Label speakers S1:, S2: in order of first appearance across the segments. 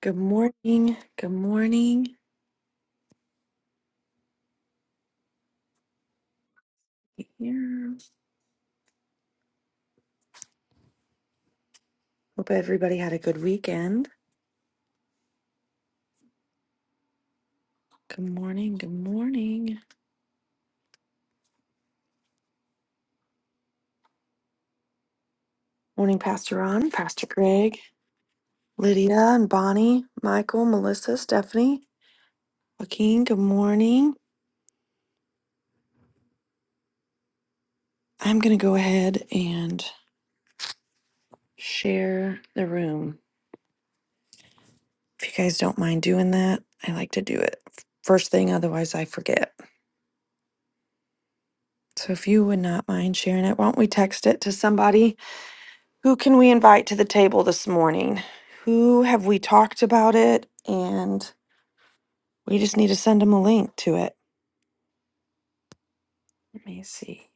S1: Good morning. Good morning. Here. Hope everybody had a good weekend. Good morning. Good morning. Morning, Pastor Ron, Pastor Greg, Lydia, and Bonnie, Michael, Melissa, Stephanie, Joaquin. Good morning. I'm going to go ahead and share the room. If you guys don't mind doing that, I like to do it first thing, otherwise, I forget. So if you would not mind sharing it, why don't we text it to somebody? Who can we invite to the table this morning? Who have we talked about it? And we just need to send them a link to it. Let me see.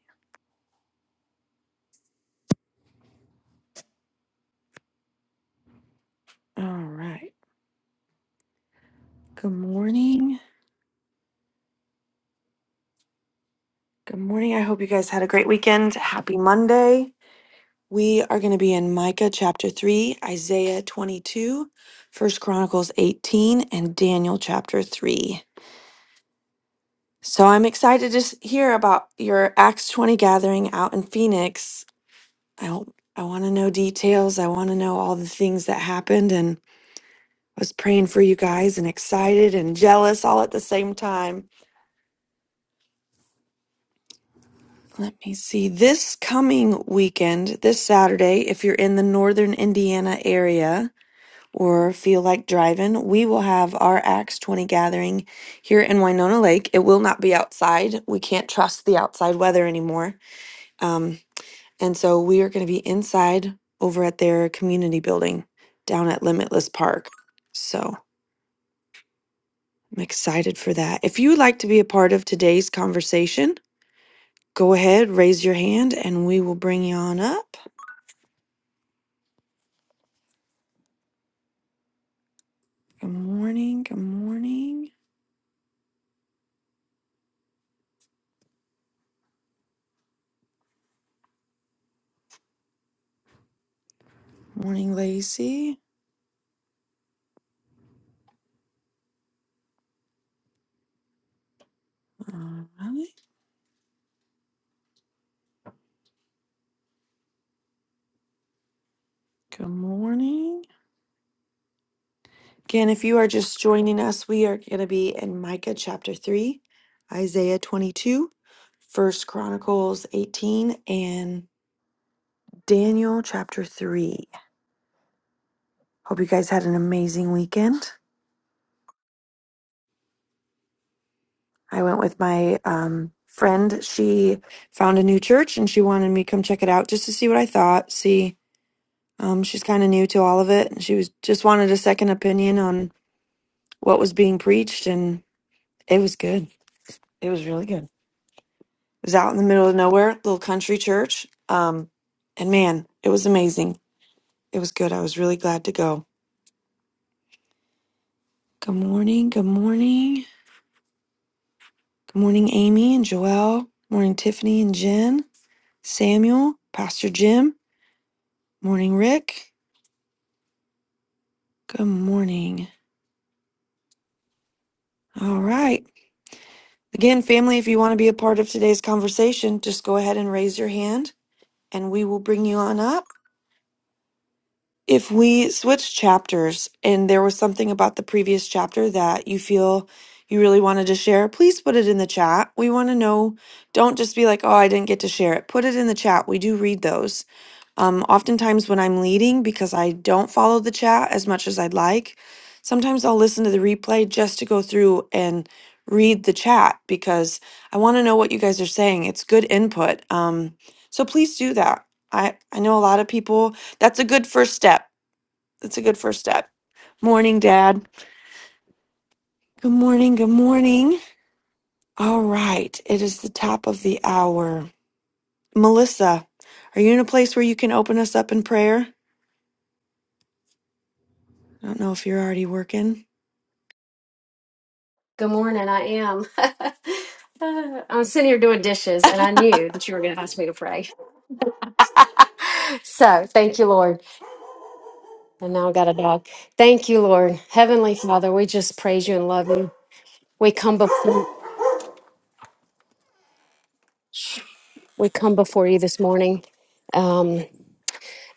S1: All right. Good morning. Good morning. I hope you guys had a great weekend. Happy Monday. We are going to be in Micah chapter 3, Isaiah 22, First Chronicles 18, and Daniel chapter 3. So I'm excited to s- hear about your Acts 20 gathering out in Phoenix I don't, I want to know details. I want to know all the things that happened and I was praying for you guys and excited and jealous all at the same time. Let me see. This coming weekend, this Saturday, if you're in the northern Indiana area or feel like driving, we will have our Acts 20 gathering here in Winona Lake. It will not be outside. We can't trust the outside weather anymore. Um. And so we are going to be inside over at their community building down at Limitless Park. So I'm excited for that. If you would like to be a part of today's conversation, go ahead, raise your hand, and we will bring you on up. Good morning. Good morning. Morning, Lacey. All right. Good morning. Again, if you are just joining us, we are going to be in Micah chapter 3, Isaiah 22, First Chronicles 18, and Daniel chapter 3. Hope you guys had an amazing weekend. I went with my um, friend. She found a new church and she wanted me to come check it out just to see what I thought. See, um, she's kind of new to all of it. And she was just wanted a second opinion on what was being preached. And it was good. It was really good. It was out in the middle of nowhere, little country church. Um, and man, it was amazing. It was good. I was really glad to go. Good morning. Good morning. Good morning, Amy and Joelle. Morning, Tiffany and Jen. Samuel, Pastor Jim. Morning, Rick. Good morning. All right. Again, family, if you want to be a part of today's conversation, just go ahead and raise your hand and we will bring you on up. If we switch chapters and there was something about the previous chapter that you feel you really wanted to share, please put it in the chat. We want to know. Don't just be like, oh, I didn't get to share it. Put it in the chat. We do read those. Um, oftentimes, when I'm leading, because I don't follow the chat as much as I'd like, sometimes I'll listen to the replay just to go through and read the chat because I want to know what you guys are saying. It's good input. Um, so please do that. I, I know a lot of people that's a good first step. That's a good first step. Morning, Dad. Good morning. Good morning. All right. It is the top of the hour. Melissa, are you in a place where you can open us up in prayer? I don't know if you're already working.
S2: Good morning. I am. I was sitting here doing dishes and I knew that you were going to ask me to pray. So thank you, Lord. And now I got a dog. Thank you, Lord. Heavenly Father, we just praise you and love you. We come before we come before you this morning. um,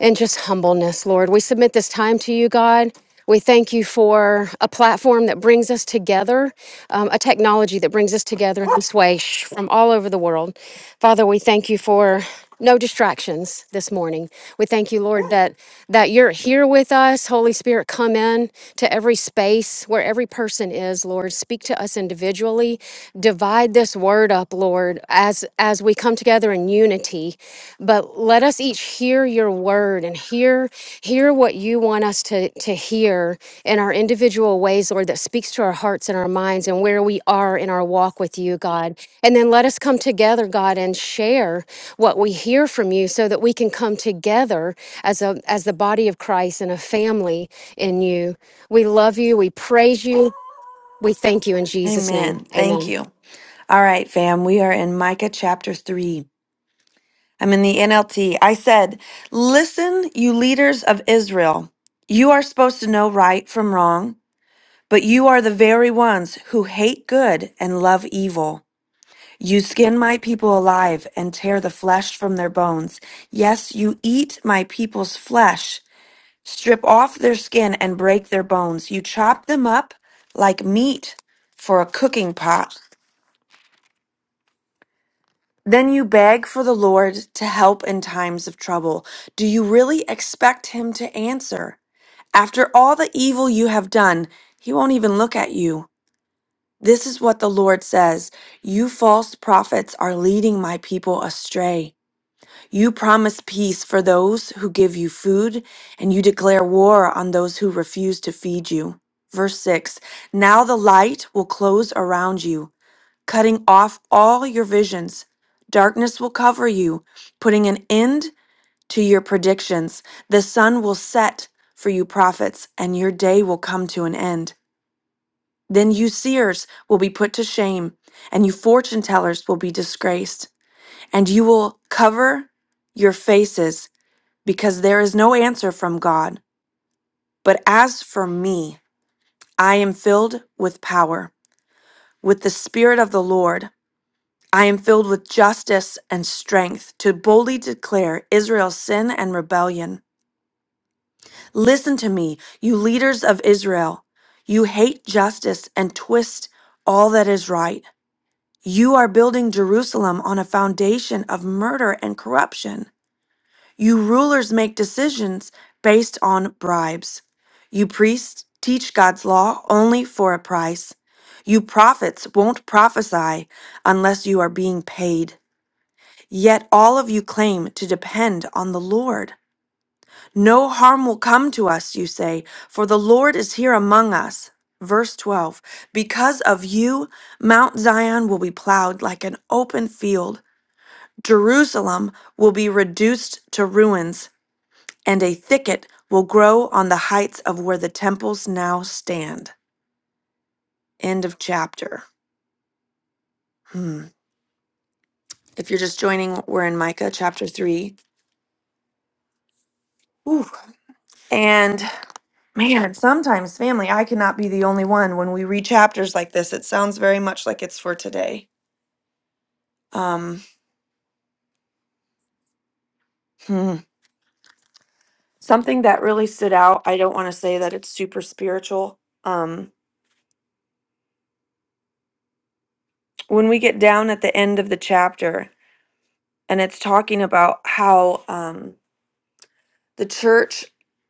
S2: and just humbleness, Lord. We submit this time to you, God. We thank you for a platform that brings us together, um, a technology that brings us together in this way shh, from all over the world. Father, we thank you for no distractions this morning. We thank you, Lord, that that you're here with us. Holy Spirit, come in to every space where every person is, Lord. Speak to us individually. Divide this word stirred up, Lord, as as we come together in unity. But let us each hear your word and hear hear what you want us to to hear in our individual ways, Lord, that speaks to our hearts and our minds and where we are in our walk with you, God. And then let us come together, God, and share what we hear from you so that we can come together as a as the body of Christ and a family in you. We love you, we praise you, we thank you in Jesus' name.
S1: Amen.
S2: Amen.
S1: Thank you. All right, fam. We are in Micah chapter 3. I'm in the NLT. I said, Listen, you leaders of Israel. You are supposed to know right from wrong, but you are the very ones who hate good and love evil. You skin my people alive and tear the flesh from their bones. Yes, you eat my people's flesh, strip off their skin and break their bones. You chop them up like meat for a cooking pot. Then you beg for the Lord to help in times of trouble. Do you really expect him to answer? After all the evil you have done, he won't even look at you. This is what the Lord says You false prophets are leading my people astray. You promise peace for those who give you food, and you declare war on those who refuse to feed you. Verse 6 Now the light will close around you, cutting off all your visions. Darkness will cover you, putting an end to your predictions. The sun will set for you, prophets, and your day will come to an end. Then you seers will be put to shame, and you fortune tellers will be disgraced, and you will cover your faces because there is no answer from God. But as for me, I am filled with power, with the Spirit of the Lord. I am filled with justice and strength to boldly declare Israel's sin and rebellion. Listen to me, you leaders of Israel. You hate justice and twist all that is right. You are building Jerusalem on a foundation of murder and corruption. You rulers make decisions based on bribes. You priests teach God's law only for a price. You prophets won't prophesy unless you are being paid. Yet all of you claim to depend on the Lord. No harm will come to us, you say, for the Lord is here among us. Verse 12 Because of you, Mount Zion will be plowed like an open field, Jerusalem will be reduced to ruins and a thicket will grow on the heights of where the temples now stand. End of chapter. Hmm. If you're just joining, we're in Micah chapter 3. Ooh. And man, sometimes, family, I cannot be the only one when we read chapters like this. It sounds very much like it's for today. Um, hmm. Something that really stood out, I don't want to say that it's super spiritual. Um, when we get down at the end of the chapter, and it's talking about how. um. the church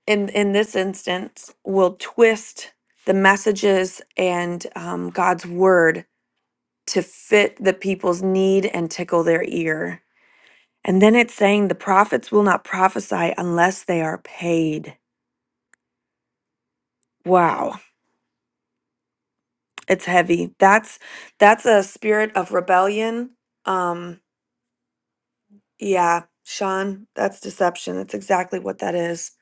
S1: in in this instance will twist the messages and um, god's word to fit the people's need and tickle their ear and then it's saying the prophets will not prophesy unless they are paid wow it's heavy that's that's a spirit of rebellion um yeah sean that's deception that's exactly what that is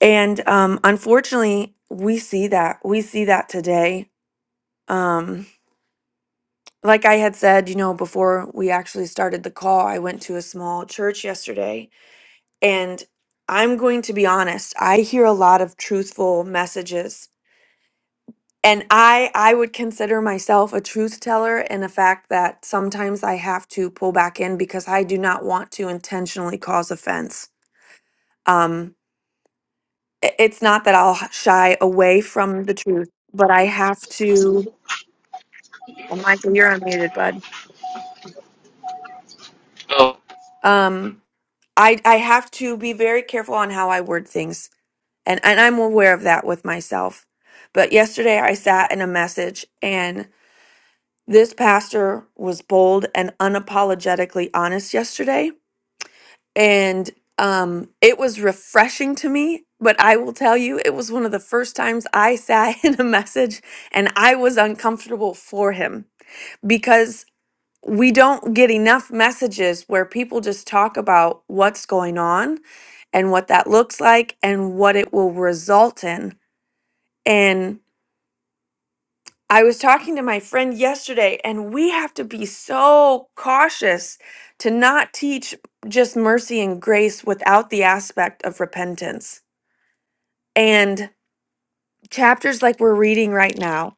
S1: and um unfortunately we see that we see that today Um, like I had said, you know, before we actually started the call, I went to a small church yesterday. And I'm going to be honest, I hear a lot of truthful messages. And I I would consider myself a truth teller In the fact that sometimes I have to pull back in because I do not want to intentionally cause offense. Um i- it's not that I'll h- shy away from the truth, but I have to and Michael, you're unmuted, bud.
S3: Oh,
S1: Um I I have to be very careful on how I word things, and and I'm aware of that with myself. But yesterday I sat in a message, and this pastor was bold and unapologetically honest yesterday, and um, it was refreshing to me. But I will tell you, it was one of the first times I sat in a message and I was uncomfortable for him we don't get enough messages where people just talk about what's going on and what that looks like and what it will result in. And I was talking to my friend yesterday, and we have to be so cautious to not teach just mercy and grace without the aspect of repentance. And chapters like we're reading right now,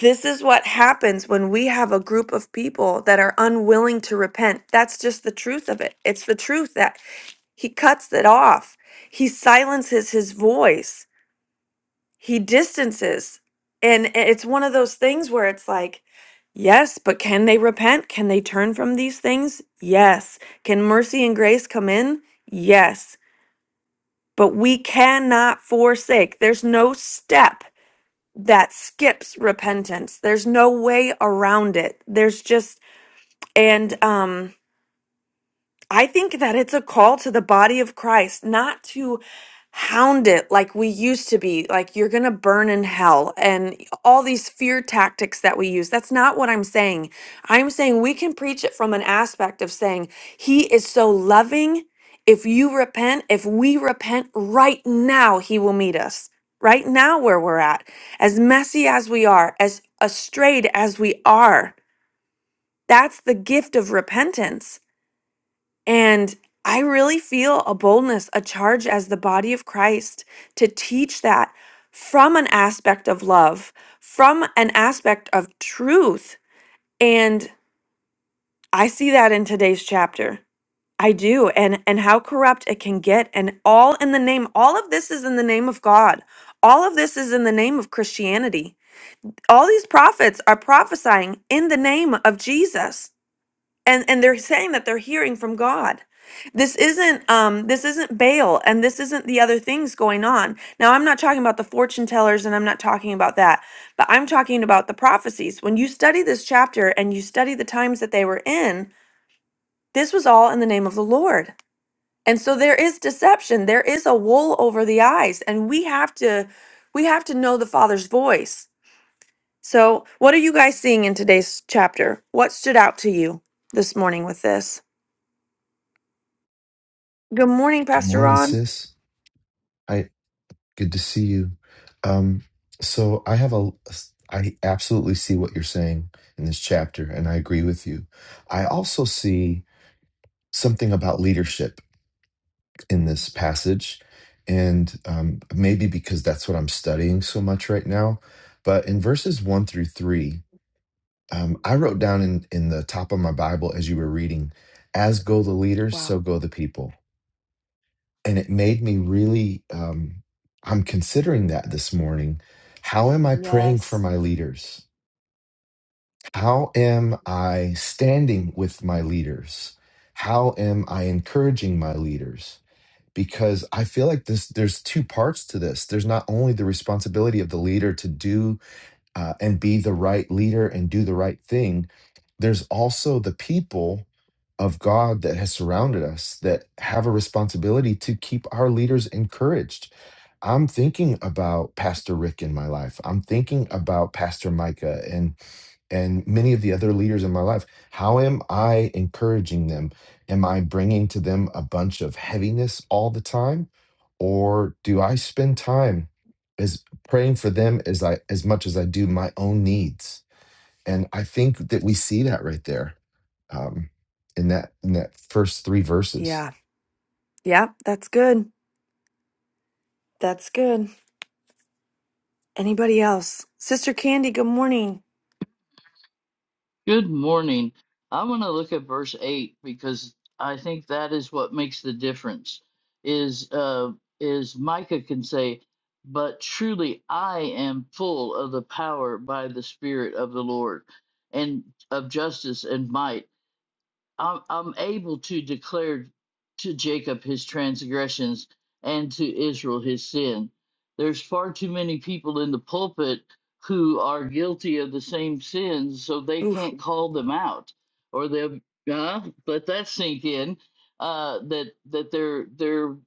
S1: this is what happens when we have a group of people that are unwilling to repent. That's just the truth of it. It's the truth that He cuts it off. He silences his voice. He distances. And it's one of those things where it's like, yes, but can they repent? Can they turn from these things? Yes. Can mercy and grace come in? Yes. But we cannot forsake. There's no step that skips repentance. There's no way around it. There's just and um I think that it's a call to the body of Christ not to hound it like we used to be, like you're going to burn in hell and all these fear tactics that we use. That's not what I'm saying. I'm saying we can preach it from an aspect of saying, He is so loving. If you repent, if we repent right now, He will meet us. Right now, where we're at, as messy as we are, as astrayed as we are, that's the gift of repentance. And I really feel a boldness, a charge as the body of Christ to teach that from an aspect of love, from an aspect of truth. And I see that in today's chapter. I do. And and how corrupt it can get and all in the name all of this is in the name of God. All of this is in the name of Christianity. All these prophets are prophesying in the name of Jesus and and they're saying that they're hearing from god this isn't um this isn't baal and this isn't the other things going on now i'm not talking about the fortune tellers and i'm not talking about that but i'm talking about the prophecies when you study this chapter and you study the times that they were in this was all in the name of the lord and so there is deception there is a wool over the eyes and we have to we have to know the father's voice so what are you guys seeing in today's chapter what stood out to you this morning with this Good morning,
S4: Good
S1: Pastor
S4: morning,
S1: Ron.
S4: sis. Hi, good to see you. Um, so I have a, I absolutely see what you're saying in this chapter, and I agree with you. I also see something about leadership in this passage, and um, maybe because that's what I'm studying so much right now. But in verses one through three, um, I wrote down in in the top of my Bible as you were reading, "As go the leaders, so go the people." and it made me really um, i'm considering that this morning how am i praying for my leaders how am i standing with my leaders how am i encouraging my leaders because i feel like this there's two parts to this there's not only the responsibility of the leader to do uh, and be the right leader and do the right thing, there's also the people of God that has surrounded us that have a responsibility to keep our leaders encouraged. I'm thinking about Pastor Rick in my life. I'm thinking about Pastor Micah and and many of the other leaders in my life how am i encouraging them am i bringing to them a bunch of heaviness all the time or do i spend time as praying for them as i as much as i do my own needs and i think that we see that right there um in that in that first three verses
S1: Yeah. Yeah. That's good. That's good. Anybody else? Sister Candy, good morning.
S5: Good morning. I want to look at verse 8 because I think that is what makes the difference. Is uh is Micah can say, "But truly I am full of the power by the spirit of the Lord and of justice and might." I'm, I'm able to declare to Jacob his transgressions and to Israel his sin. There's far too many people in the pulpit who are guilty of the same sins, so they
S1: Oof.
S5: can't call them out, or they'll uh, let that sink in. Uh, that that they're they're uh,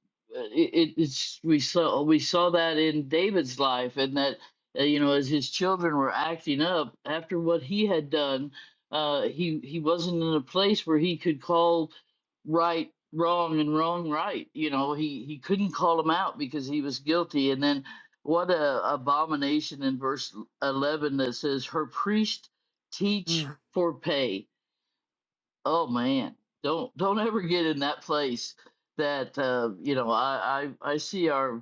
S5: it, it's we saw we saw that in David's life, and that uh, you know as his children were acting up after what he had done, uh, he he wasn't in a place where he could call right wrong and wrong right. You know, he he couldn't call him out because he was guilty. And then what a abomination in verse eleven that says, "Her priest teach
S1: Mm.
S5: for pay." Oh man, don't don't ever get in that place that uh, you know I I, I see our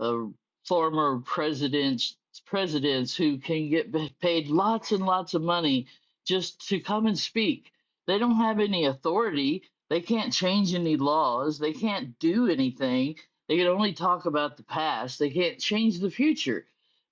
S5: uh, former presidents presidents who can get ba- paid lots and lots of money just to come and speak. They don't have any authority. They can't change any laws. They can't do anything. They can only talk about the past. They can't change the future.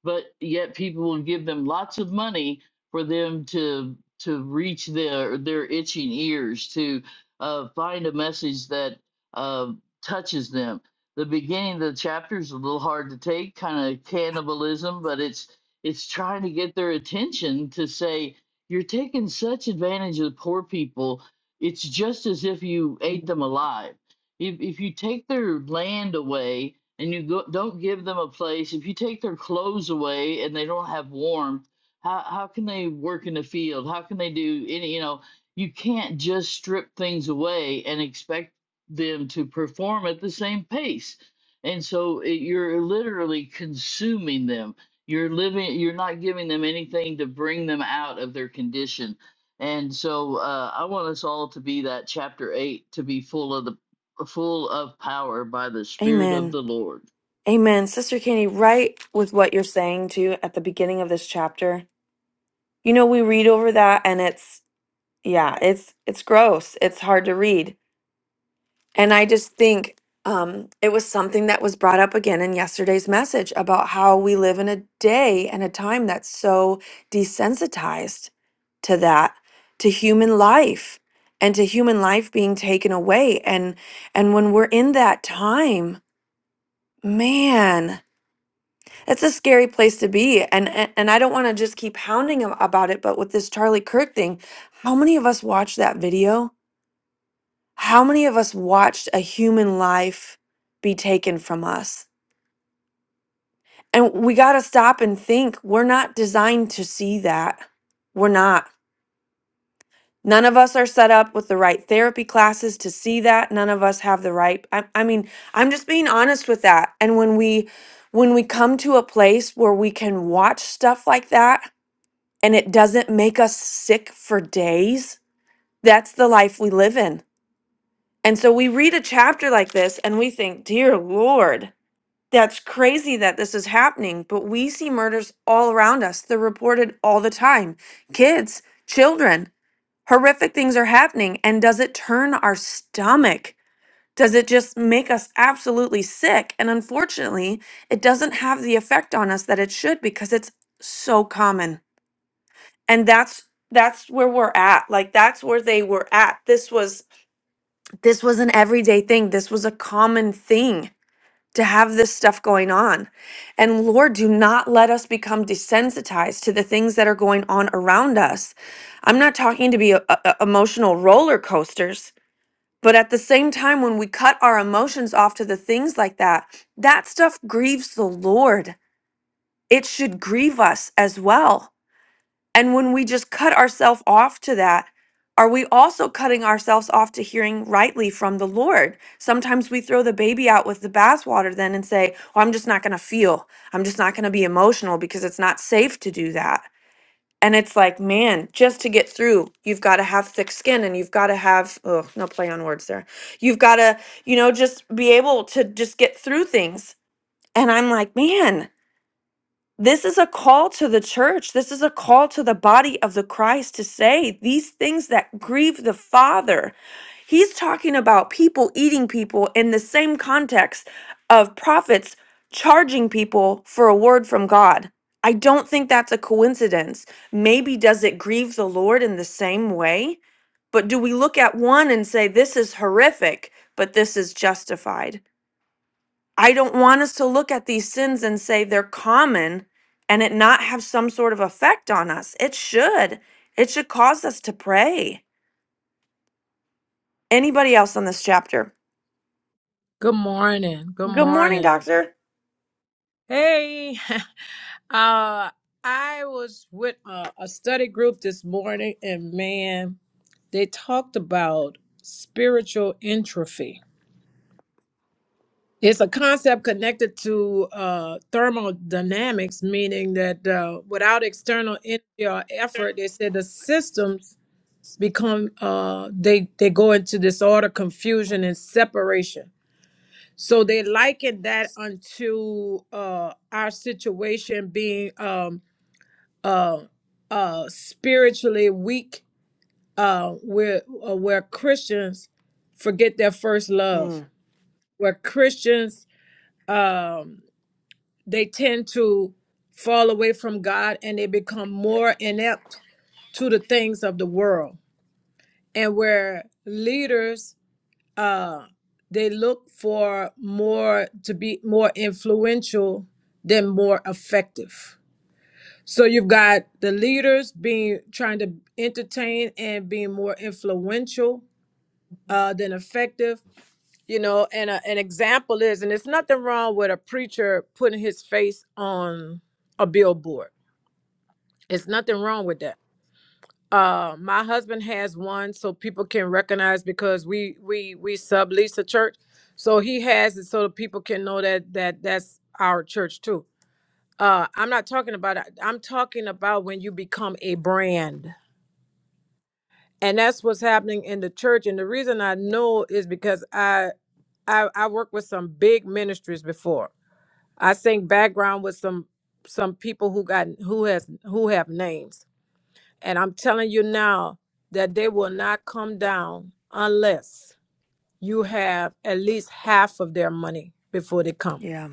S5: But yet people will give them lots of money for them to to reach their their itching ears to uh, find a message that uh, touches them. The beginning of the chapter is a little hard to take, kind of cannibalism, but it's it's trying to get their attention to say you're taking such advantage of the poor people. It's just as if you ate them alive. If if you take their land away and you go, don't give them a place, if you take their clothes away and they don't have warmth how how can they work in the field? How can they do any, you know, you can't just strip things away and expect them to perform at the same pace. And so it, you're literally consuming them. You're living you're not giving them anything to bring them out of their condition. And so uh, I want us all to be that chapter 8 to be full of the full of power by the spirit of
S1: Amen.
S5: the Lord.
S1: Amen. Sister Candy, right with what you're saying too at the beginning of this chapter. You know, we read over that and it's yeah, it's it's gross. It's hard to read. And I just think um, it was something that was brought up again in yesterday's message about how we live in a day and a time that's so desensitized to that, to human life and to human life being taken away. And and when we're in that time, man, that's a scary place to be. And and, and I don't want to just keep hounding him about it, but with this Charlie Kirk thing, how many of us watched that video? How many of us watched a human life be taken from us? And we got to stop and think we're not designed to see that. We're not. None of us are set up with the right therapy classes to see that. None of us have the right I, I mean, I'm just being honest with that. And when we when we come to a place where we can watch stuff like that and it doesn't make us sick for days, that's the life we live in. And so we read a chapter like this and we think, "Dear Lord, That's crazy that this is happening, but we see murders all around us. They're reported all the time. Kids, children, horrific things are happening. And does it turn our stomach? Does it just make us absolutely sick? And unfortunately, it doesn't have the effect on us that it should because it's so common. And that's that's where we're at. Like that's where they were at. This was this was an everyday thing. This was a common thing to have this stuff going on. And Lord, do not let us become desensitized to the things that are going on around us. I'm not talking to be a, a- emotional roller coasters, but at the same time, when we cut our emotions off to the things like that, that stuff grieves the Lord. It should grieve us as well. And when we just cut ourselves off to that, are we also cutting ourselves off to hearing rightly from the Lord? Sometimes we throw the baby out with the bathwater then and say, Well, I'm just not going to feel. I'm just not going to be emotional because it's not safe to do that. And it's like, man, just to get through, you've got to have thick skin and you've got to have, oh, no play on words there. You've got to, you know, just be able to just get through things. And I'm like, man, this is a call to the church. This is a call to the body of the Christ to say these things that grieve the Father. He's talking about people eating people in the same context of prophets charging people for a word from God. I don't think that's a coincidence. Maybe does it grieve the Lord in the same way? But do we look at one and say, this is horrific, but this is justified? I don't want us to look at these sins and say they're common and it not have some sort of effect on us. It should. It should cause us to pray. Anybody else on this chapter?
S6: Good morning. Good
S1: Good morning,
S6: morning.
S1: doctor.
S6: Hey, uh, I was with a, a study group this morning, and man, they talked about spiritual entropy. It's a concept connected to uh, thermodynamics, meaning that uh, without external energy or effort, they said the systems become uh, they they go into disorder, confusion, and separation So they liken that unto uh, our situation being um, uh, uh, spiritually weak, uh, where uh, where Christians forget their first love,
S1: Mm,
S6: where Christians um, they tend to fall away from God and they become more inept to the things of the world, and where leaders uh, they look for more to be more influential than more effective. So you've got the leaders being trying to entertain and being more influential uh, than effective. You know, and a, an example is, and it's nothing wrong with a preacher putting his face on a billboard. It's nothing wrong with that uh, my husband has one, so people can recognize because we we we sublease a church, so he has it so that people can know that that that's our church too. Uh, I'm not talking about. I'm talking about when you become a brand, and that's what's happening in the church. And the reason I know is because I I, I worked with some big ministries before. I sing background with some some people who got who has who have names And I'm telling you now that they will not come down unless you have at least half of their money before they come.
S1: yeah.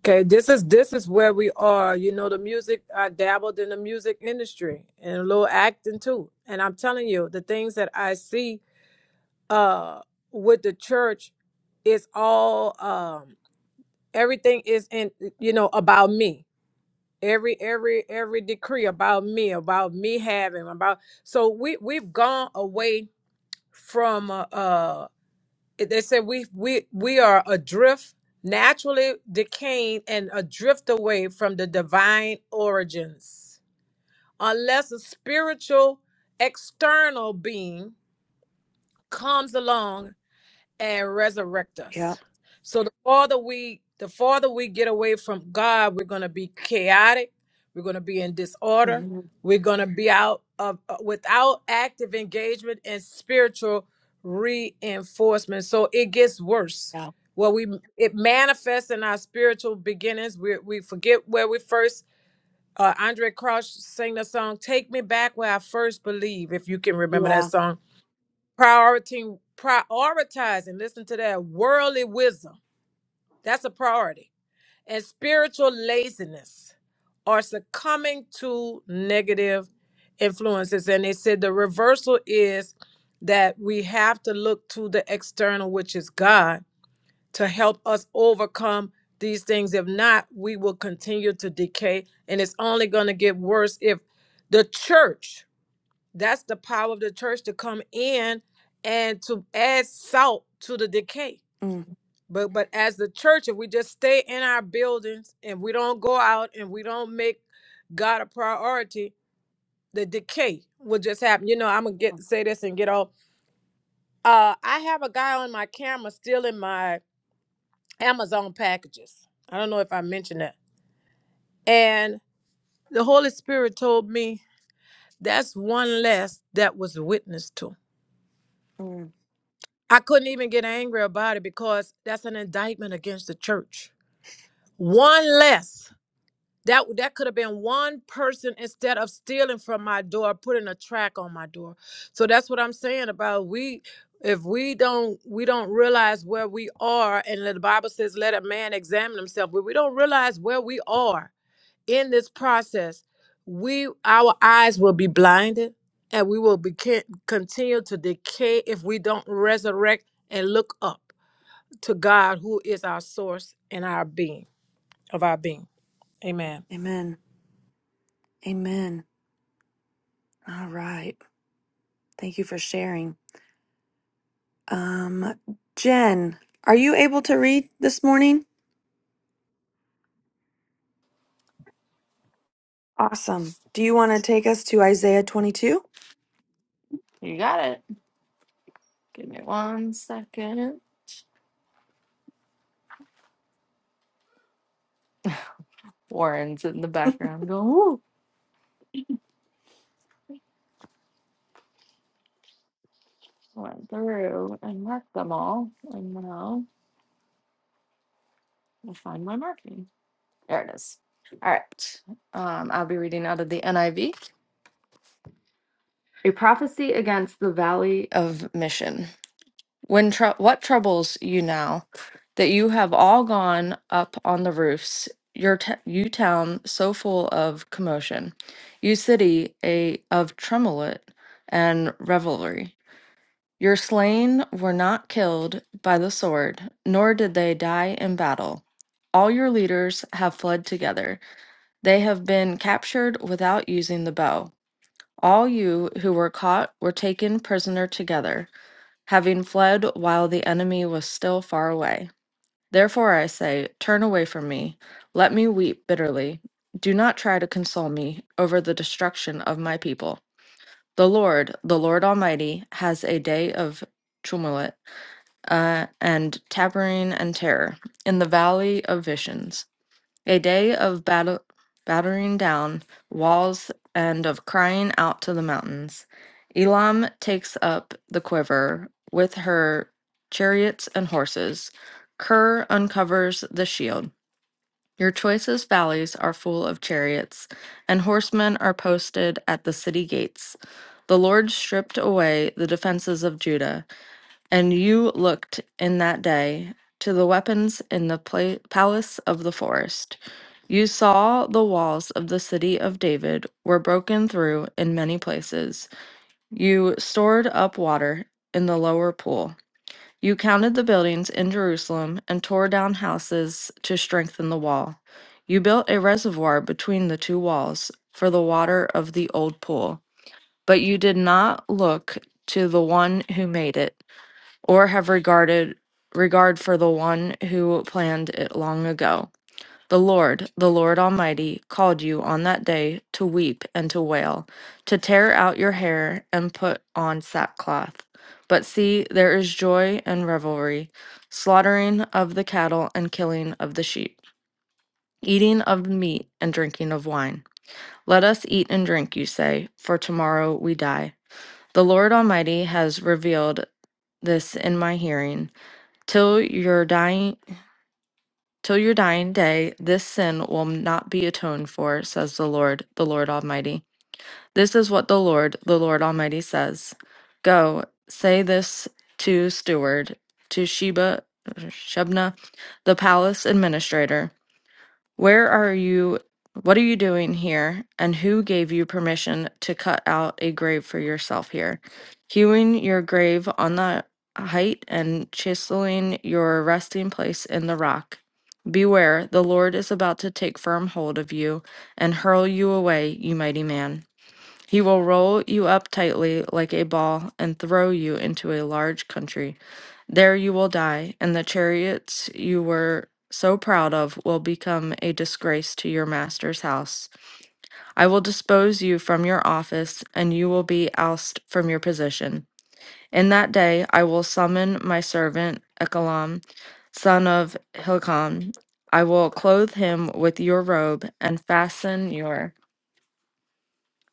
S6: Okay, this is this is where we are. You know, the music I dabbled in the music industry and a little acting too. And I'm telling you, the things that I see uh with the church is all um everything is in you know about me every every every decree about me about me having about so we we've gone away from uh uh, they said we we we are adrift naturally decaying and adrift away from the divine origins unless a spiritual external being comes along and resurrect
S1: Yeah.
S6: us. So the farther we the farther we get away from God, we're going to be chaotic. We're going to be in disorder.
S1: hmm
S6: We're going to be out of uh, without active engagement and spiritual reinforcement. So it gets worse.
S1: Yeah.
S6: Well, we it manifests in our spiritual beginnings. We we forget where we first. Uh, Andre Crouch sang the song "Take Me Back Where I First Believe." If you can remember that
S1: Yeah.
S6: song, prioritizing prioritizing listen to that worldly wisdom that's a priority and spiritual laziness are succumbing to negative influences and they said the reversal is that we have to look to the external which is god to help us overcome these things if not we will continue to decay and it's only going to get worse if the church that's the power of the church to come in and to add salt to the decay.
S1: Mm,
S6: But but as the church, if we just stay in our buildings and we don't go out and we don't make God a priority, the decay will just happen. You know, I'm gonna
S1: yeah,
S6: get say this and get off. Uh, I have a guy on my camera still in my Amazon packages. I don't know if I mentioned that. And the Holy Spirit told me that's one less that was witnessed to.
S1: mm.
S6: I couldn't even get angry about it because that's an indictment against the church. One less. That that could have been one person instead of stealing from my door, putting a track on my door. So that's what I'm saying about we if we don't we don't realize where we are and the Bible says let a man examine himself, but we don't realize where we are in this process, we our eyes will be blinded and we will be ca- continue to decay if we don't resurrect and look up to God who is our source and our being of our being. Amen.
S1: Amen. Amen. All right. Thank you for sharing. Um, Jen, are you able to read this morning? Awesome. Do you want to take us to Isaiah 22?
S7: You got it. Give me one second. Warren's in the background going, Ooh, went through and marked them all. And now I'll find my marking. There it is. All right. Um, I'll be reading out of the NIV. A prophecy against the valley of mission. When trou what troubles you now that you have all gone up on the roofs, your t- you town so full of commotion, you city a of tremolet and revelry Your slain were not killed by the sword, nor did they die in battle. All your leaders have fled together. They have been captured without using the bow. All you who were caught were taken prisoner together, having fled while the enemy was still far away. Therefore I say, Turn away from me. Let me weep bitterly. Do not try to console me over the destruction of my people. The Lord, the Lord Almighty, has a day of tumult uh, and tapering and terror in the valley of visions. A day of battle, battering down walls and of crying out to the mountains. Elam takes up the quiver with her chariots and horses. Kerr uncovers the shield. Your choicest valleys are full of chariots, and horsemen are posted at the city gates. The Lord stripped away the defenses of Judah. And you looked in that day to the weapons in the pla- palace of the forest. You saw the walls of the city of David were broken through in many places. You stored up water in the lower pool. You counted the buildings in Jerusalem and tore down houses to strengthen the wall. You built a reservoir between the two walls for the water of the old pool. But you did not look to the one who made it or have regarded regard for the one who planned it long ago. The Lord, the Lord Almighty, called you on that day to weep and to wail, to tear out your hair and put on sackcloth. But see, there is joy and revelry, slaughtering of the cattle and killing of the sheep, eating of meat and drinking of wine. Let us eat and drink, you say, for tomorrow we die. The Lord Almighty has revealed this in my hearing. Till your dying till your dying day, this sin will not be atoned for, says the Lord, the Lord Almighty. This is what the Lord, the Lord Almighty says. Go, say this to steward, to Sheba Shebna, the palace administrator. Where are you? What are you doing here? And who gave you permission to cut out a grave for yourself here? Hewing your grave on the height and chiseling your resting place in the rock. Beware, the Lord is about to take firm hold of you and hurl you away, you mighty man. He will roll you up tightly like a ball and throw you into a large country. There you will die, and the chariots you were so proud of will become a disgrace to your master's house. I will disperse off, and you will be ousted. In that day I will summon my servant Ekalam, son of Hilkam. I will clothe him with your robe and fasten your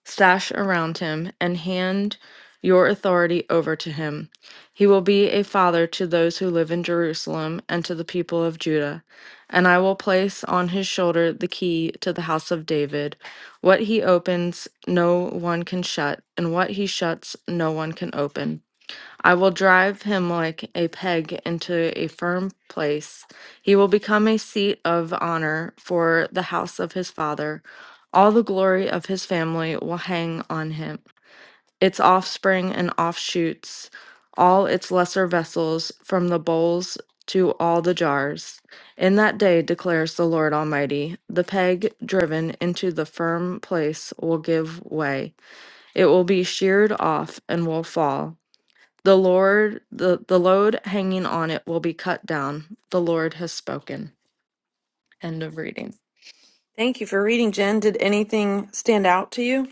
S7: sash around him and hand your authority over to him. He will be a father to those who live in Jerusalem and to the people of Judah. And I will place on his shoulder the key to the house of David. What he opens, no one can shut, and what he shuts, no one can open. I will drive him like a peg into a firm place. He will become a seat of honor for the house of his father. All the glory of his family will hang on him its offspring and offshoots, all its lesser vessels, from the bowls to all the jars. In that day, declares the Lord Almighty, the peg driven into the firm place will give way. It will be sheared off and will fall. The Lord, the, the load hanging on it will be cut down. The Lord has spoken. End of reading.
S1: Thank you for reading, Jen. Did anything stand out to you?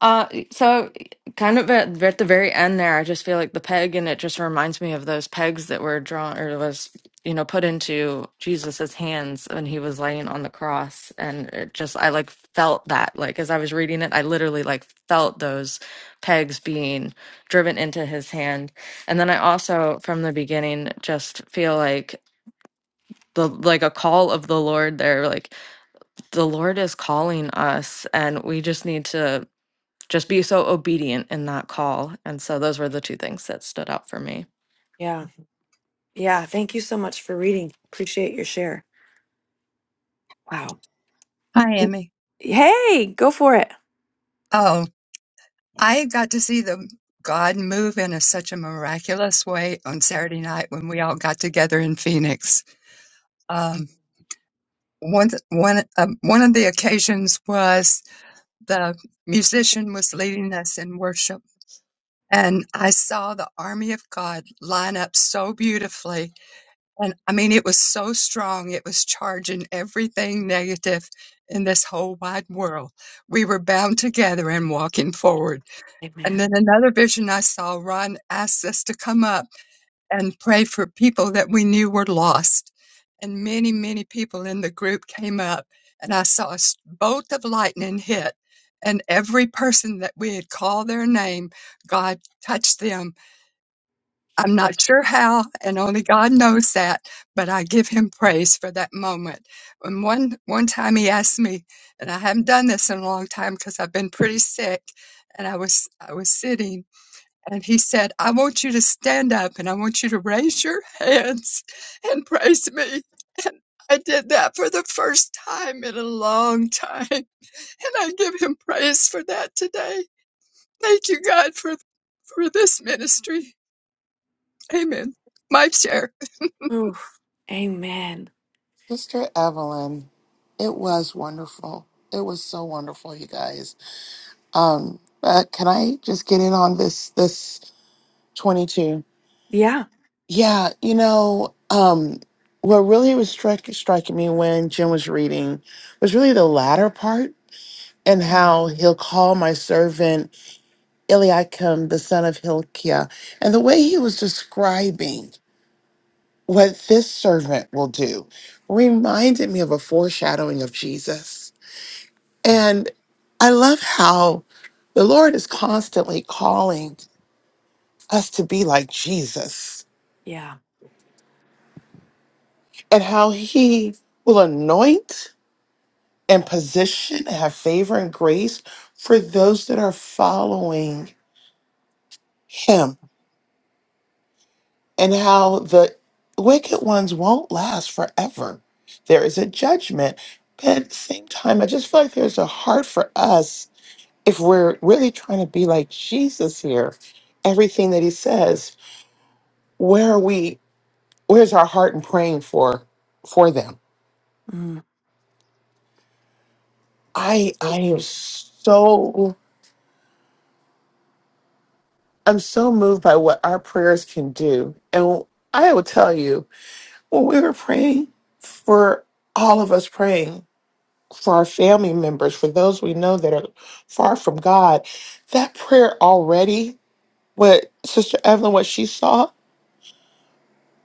S7: Uh, so kind of at, at the very end there, I just feel like the peg, and it just reminds me of those pegs that were drawn or was, you know, put into Jesus's hands when he was laying on the cross. And it just, I like felt that, like, as I was reading it, I literally like felt those pegs being driven into his hand. And then I also, from the beginning, just feel like the, like a call of the Lord there, like the Lord is calling us, and we just need to just be so obedient and not call. And so those were the two things that stood out for me.
S1: Yeah. Yeah. Thank you so much for reading. Appreciate your share. Wow.
S8: Hi, Emmy.
S1: Hey, go for it.
S8: Oh, I got to see the God move in a, such a miraculous way on Saturday night when we all got together in Phoenix. Um, one one um, one of the occasions was the musician was leading us in worship, and I saw the army of God line up so beautifully, and I mean it was so strong. It was charging everything negative in this whole wide world. We were bound together and walking forward And
S1: Amen.
S8: then another vision I saw, Ron asked us to come up and pray for people that we knew were lost. And many, many people in the group came up, and I saw a bolt of lightning hit. And every person that we had called their name, God touched them. I'm not sure how, and only God knows that, but I give him praise for that moment. And one, one time he asked me, and I haven't done this in a long time because I've been pretty sick, and I was, I was sitting and he said, I want you to stand up and I want you to raise your hands and praise me. And I did that for the first time in a long time. And I give him praise for that today. Thank you, God, for, for this ministry. Amen. My share.
S1: Oof. Amen.
S9: Sister Evelyn, it was wonderful. It was so wonderful, you guys. Um, but can I just get in on this this 22?
S1: Yeah.
S9: Yeah, you know, um what really was strik- striking me when Jim was reading was really the latter part and how he'll call my servant Eliakim, the son of Hilkiah, and the way he was describing what this servant will do reminded me of a foreshadowing of Jesus And I love how the Lord is constantly calling us to be like Jesus
S1: Yeah.
S9: and how he will anoint and position and have favor and grace for those that are following him and how the wicked ones won't last forever. There is a judgment. But at the same time, I just feel like there's a heart for us if we're really trying to be like Jesus here, everything that he says. where are we where's our heart in praying for for them
S1: Mm.
S9: i i am so i'm so moved by what our prayers can do and i will tell you when we were praying for all of us praying for our family members for those we know that are far from god that prayer already what sister evelyn what she saw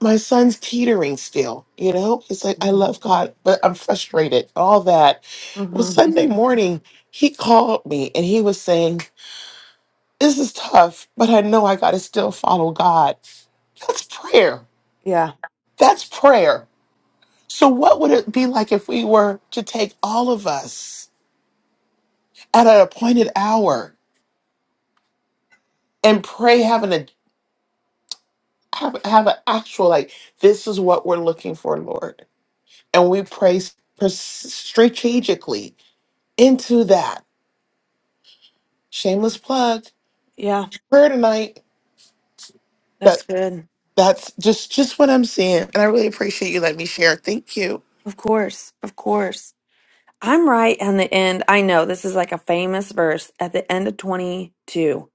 S9: my son's teetering still, you know? It's like, I love God, but I'm frustrated, all that. Well,
S1: hmm
S9: Sunday morning, he called me and he was saying, This is tough, but I know I got to still follow God. That's prayer.
S1: Yeah.
S9: That's prayer. So, what would it be like if we were to take all of us at an appointed hour and pray, having a have, have an actual like, this is what we're looking for, Lord, and we pray s- pers- strategically into that shameless plug
S1: Yeah.
S9: prayer tonight
S1: That's
S9: that
S1: good.
S9: that's just just what i'm seeing and i really appreciate you letting me share thank you
S1: Of course. Of course. I'm right on the end. I know this is like a famous verse at the end of 22.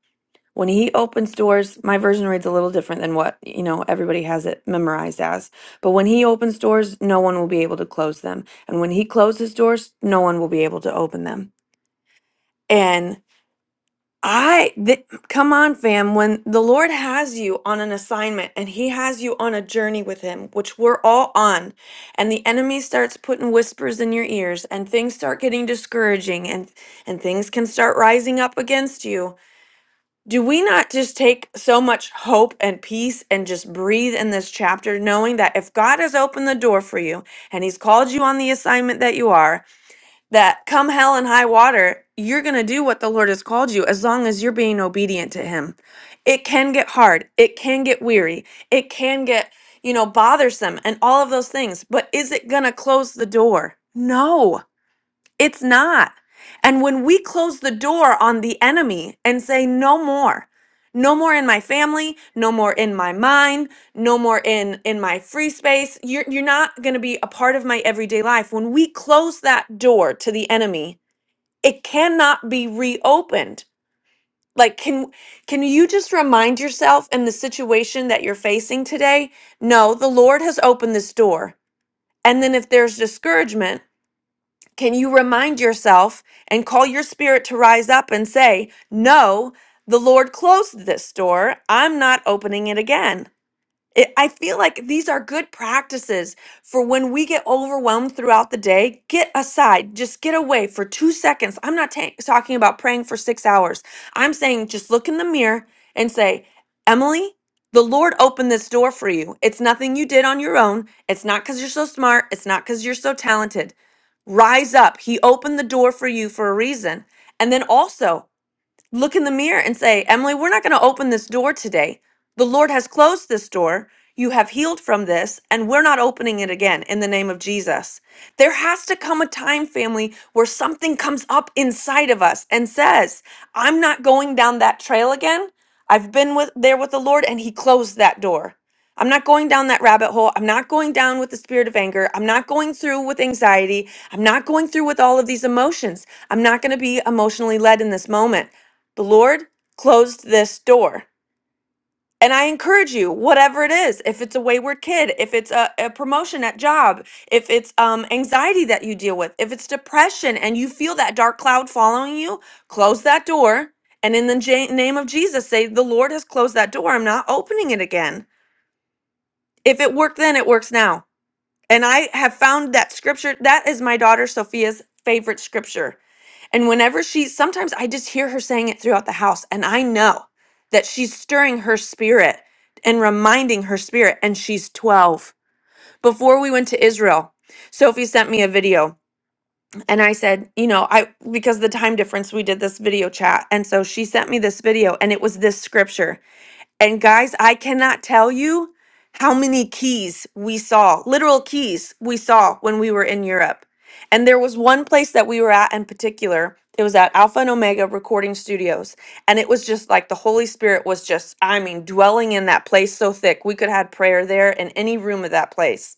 S1: When he opens doors, my version reads a little different than what, you know, everybody has it memorized as. But when he opens doors, no one will be able to close them. And when he closes doors, no one will be able to open them. And I th- come on fam, when the Lord has you on an assignment and he has you on a journey with him, which we're all on, and the enemy starts putting whispers in your ears and things start getting discouraging and and things can start rising up against you do we not just take so much hope and peace and just breathe in this chapter, knowing that if God has opened the door for you and He's called you on the assignment that you are, that come hell and high water, you're going to do what the Lord has called you as long as you're being obedient to Him? It can get hard, it can get weary, it can get, you know, bothersome and all of those things, but is it going to close the door? No. It's not. And when we close the door on the enemy and say, no more, no more in my family, no more in my mind, no more in, in my free space, you're, you're not going to be a part of my everyday life. When we close that door to the enemy, it cannot be reopened. Like, can can you just remind yourself in the situation that you're facing today? No, the Lord has opened this door. And then if there's discouragement, can you remind yourself and call your spirit to rise up and say, No, the Lord closed this door. I'm not opening it again. It, I feel like these are good practices for when we get overwhelmed throughout the day. Get aside, just get away for two seconds. I'm not ta- talking about praying for six hours. I'm saying just look in the mirror and say, Emily, the Lord opened this door for you. It's nothing you did on your own. It's not because you're so smart. It's not because you're so talented. Rise up. He opened the door for you for a reason. And then also, look in the mirror and say, Emily, we're not going to open this door today. The Lord has closed this door. You have healed from this, and we're not opening it again in the name of Jesus. There has to come a time, family, where something comes up inside of us and says, I'm not going down that trail again. I've been with, there with the Lord, and He closed that door. I'm not going down that rabbit hole. I'm not going down with the spirit of anger. I'm not going through with anxiety. I'm not going through with all of these emotions. I'm not going to be emotionally led in this moment. The Lord closed this door. And I encourage you, whatever it is, if it's a wayward kid, if it's a, a promotion at job, if it's um, anxiety that you deal with, if it's depression and you feel that dark cloud following you, close that door. And in the J- name of Jesus, say, The Lord has closed that door. I'm not opening it again. If it worked then, it works now. And I have found that scripture, that is my daughter Sophia's favorite scripture and whenever she, sometimes I just hear her saying it throughout the house, and I know that she's stirring her spirit and reminding her spirit, and she's 12. Before we went to Israel, Sophie sent me a video, and I said, you know, I, because of the time difference, we did this video chat. And so she sent me this video, and it was this scripture. And guys, I cannot tell you how many keys we saw, literal keys we saw when we were in Europe. And there was one place that we were at in particular. It was at Alpha and Omega Recording Studios. And it was just like the Holy Spirit was just, I mean, dwelling in that place so thick. We could have prayer there in any room of that place.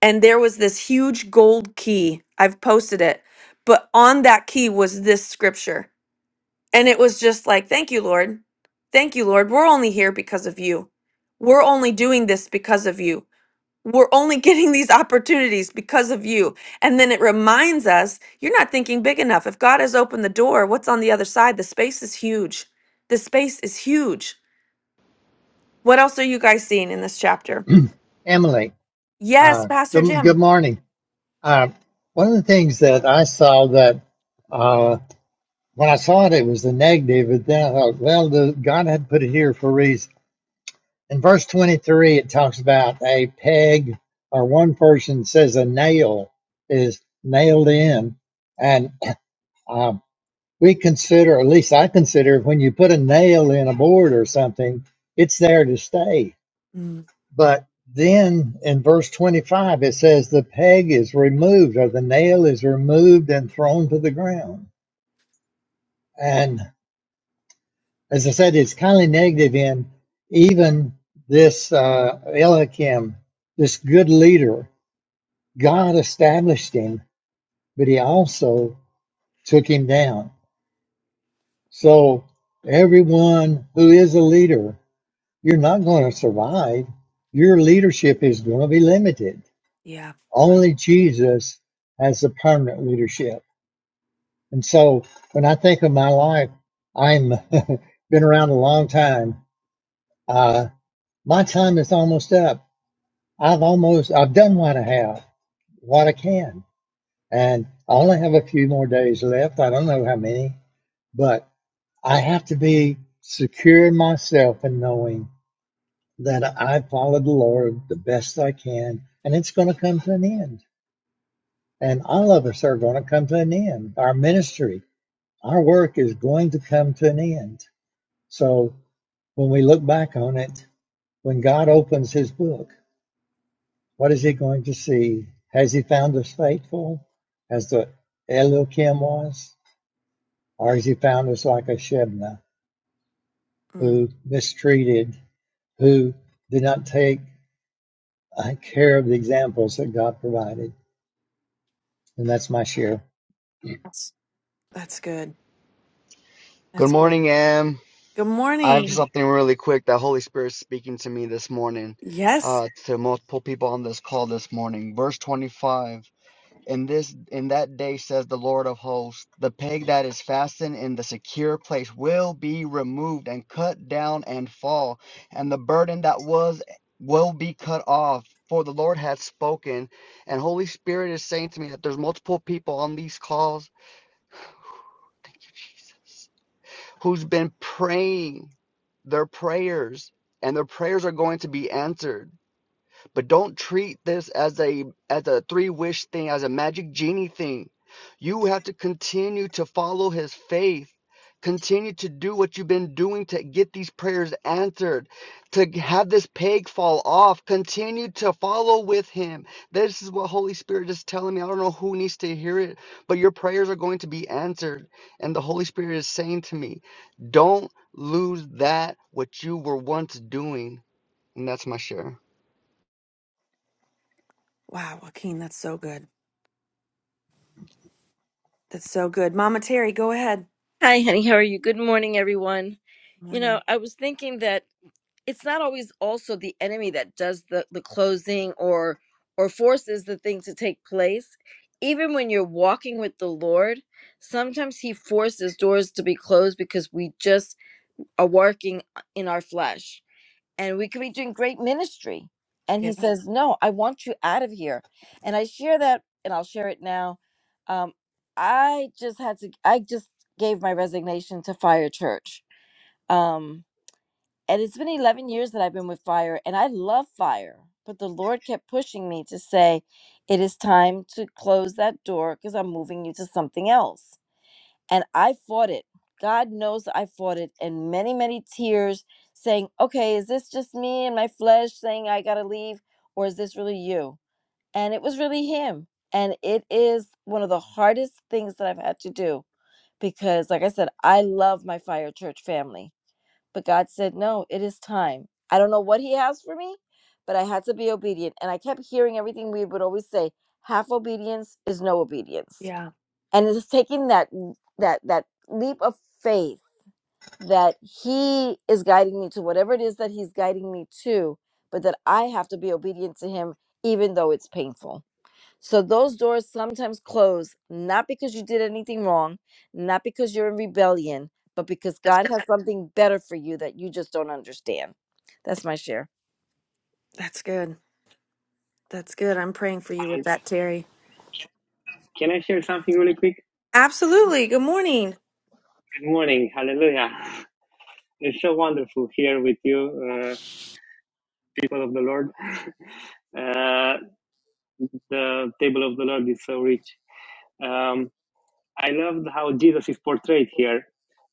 S1: And there was this huge gold key. I've posted it. But on that key was this scripture. And it was just like, thank you, Lord. Thank you, Lord. We're only here because of you. We're only doing this because of you. We're only getting these opportunities because of you. And then it reminds us you're not thinking big enough. If God has opened the door, what's on the other side? The space is huge. The space is huge. What else are you guys seeing in this chapter?
S10: Emily,
S1: Yes,
S10: uh,
S1: Pastor
S10: good, good
S1: Jim.
S10: morning. Uh, one of the things that I saw that uh, when I saw it, it was the negative, but then I thought, well, the, God had put it here for a reason. In verse 23, it talks about a peg, or one person says a nail is nailed in. And um, we consider, at least I consider, when you put a nail in a board or something, it's there to stay
S1: Mm,
S10: But then in verse 25, it says the peg is removed or the nail is removed and thrown to the ground. And as I said, it's kind of negative in even this uh, Eliakim, this good leader, God established him, but he also took him down. So everyone who is a leader, you're not going to survive. Your leadership is going to be limited
S1: yeah.
S10: Only Jesus has the permanent leadership. And so when I think of my life, I'm been around a long time. Uh, my time is almost up. I've almost I've done what I have, what I can, and I only have a few more days left. I don't know how many, but I have to be secure in myself and knowing that I followed the Lord the best I can, and it's going to come to an end. and all of us are going to come to an end. Our ministry, our work is going to come to an end. So when we look back on it, when God opens his book, what is he going to see? Has he found us faithful as the Elohim was? Or has he found us like a Shebna
S1: Mm,
S10: who mistreated, who did not take uh, care of the examples that God provided? And that's my share.
S1: Yes. That's good.
S11: Good
S1: That's good.
S11: morning, Am.
S1: Good
S11: I have
S1: morning.
S11: something really quick that Holy Spirit is speaking to me this morning,
S1: Yes.
S11: uh, to multiple people on this call this morning. Verse 25. In this in that day says the Lord of hosts, the peg that is fastened in the secure place will be removed and cut down and fall, and the burden that was will be cut off. For the Lord hath spoken, and Holy Spirit is saying to me that there's multiple people on these calls Jesus. who's been praying their prayers, and their prayers are going to be answered. But don't treat this as a as a three wish thing, as a magic genie thing. You have to continue to follow his faith. Continue to do what you've been doing to get these prayers answered, to have this peg fall off. Continue to follow with him. This is what Holy Spirit is telling me. I don't know who needs to hear it, but your prayers are going to be answered. And the Holy Spirit is saying to me, don't lose that what you were once doing. And that's my share.
S1: Wow, Joaquin, that's so good. That's so good. Mama Terry, go ahead.
S12: Hi, honey. How are you? Good morning, everyone. You know,
S1: Morning.
S12: I was thinking that it's not always also the enemy that does the, the closing or or forces the thing to take place. Even when you're walking with the Lord, sometimes he forces doors to be closed because we just are working uh, in our flesh and we could be doing great ministry. And he
S1: Yeah.
S12: says, No, I want you out of here. And I share that, and I'll share it now. Um, I just had to, I just gave my resignation to Fire Church. Um, and it's been 11 years that I've been with Fire, and I love Fire, but the Lord kept pushing me to say, It is time to close that door because I'm moving you to something else. And I fought it. God knows I fought it and many, many tears saying, okay, is this just me and my flesh saying I gotta leave? Or is this really you? And it was really him. And it is one of the hardest things that I've had to do because, like I said, I love my fire church family. But God said, no, it is time. I don't know what He has for me, but I had to be obedient. And I kept hearing everything we would always say half obedience is no obedience
S1: Yeah.
S12: and it's taking that that that leap of faith that he is guiding me to whatever it is that he's guiding me to but that i have to be obedient to him even though it's painful so those doors sometimes close not because you did anything wrong not because you're in rebellion but because
S1: That's
S12: god has
S1: good.
S12: something better for you that you just don't understand that's my share
S1: That's good. That's good. I'm praying for you with
S13: And
S1: that, Terry.
S13: can I share something really quick?
S1: Absolutely. Good morning.
S13: Good morning. Hallelujah. It's so wonderful here with you, uh, people of the Lord. Uh, the table of the Lord is so rich. Um, I loved how Jesus is portrayed here.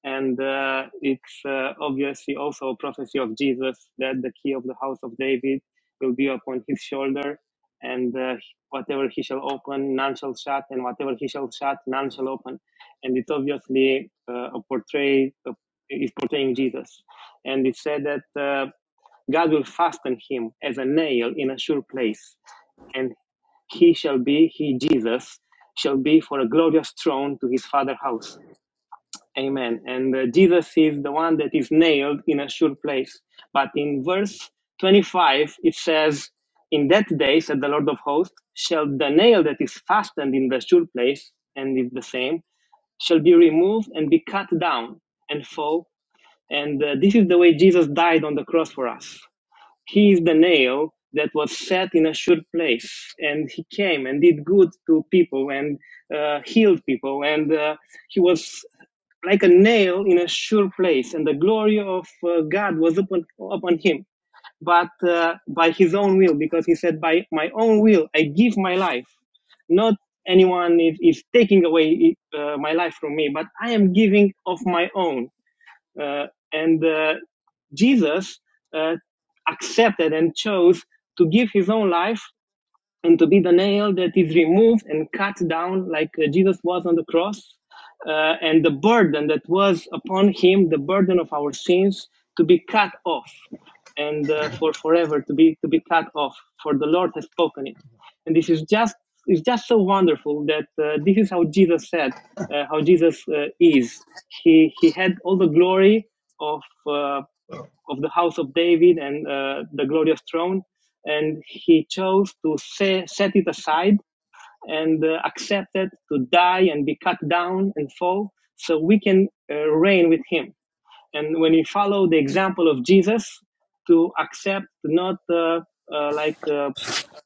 S13: And uh, it's uh, obviously also a prophecy of Jesus that the key of the house of David will be upon his shoulder. And uh, whatever he shall open, none shall shut. And whatever he shall shut, none shall open. And it's obviously uh, a portray, a, is portraying Jesus. And it said that uh, God will fasten him as a nail in a sure place. and he shall be, he Jesus, shall be for a glorious throne to his father house. Amen. And uh, Jesus is the one that is nailed in a sure place. But in verse 25, it says, In that day, said the Lord of hosts, shall the nail that is fastened in the sure place, and is the same, shall be removed and be cut down and fall. And uh, this is the way Jesus died on the cross for us. He is the nail that was set in a sure place, and he came and did good to people and uh, healed people, and uh, he was like a nail in a sure place, and the glory of uh, God was upon upon him. But uh, by his own will, because he said, "By my own will, I give my life, not." Anyone is, is taking away uh, my life from me, but I am giving of my own uh, and uh, Jesus uh, accepted and chose to give his own life and to be the nail that is removed and cut down like uh, Jesus was on the cross, uh, and the burden that was upon him, the burden of our sins, to be cut off, and uh, for forever to be to be cut off. For the Lord has spoken it, and this is just it's just so wonderful that uh, this is how Jesus said, uh, how Jesus uh, is. He he had all the glory of. Uh, of the house of David and uh, the glorious throne. And he chose to se- set it aside and uh, accepted to die and be cut down and fall so we can uh, reign with him. And when we follow the example of Jesus to accept, not uh, uh, like uh,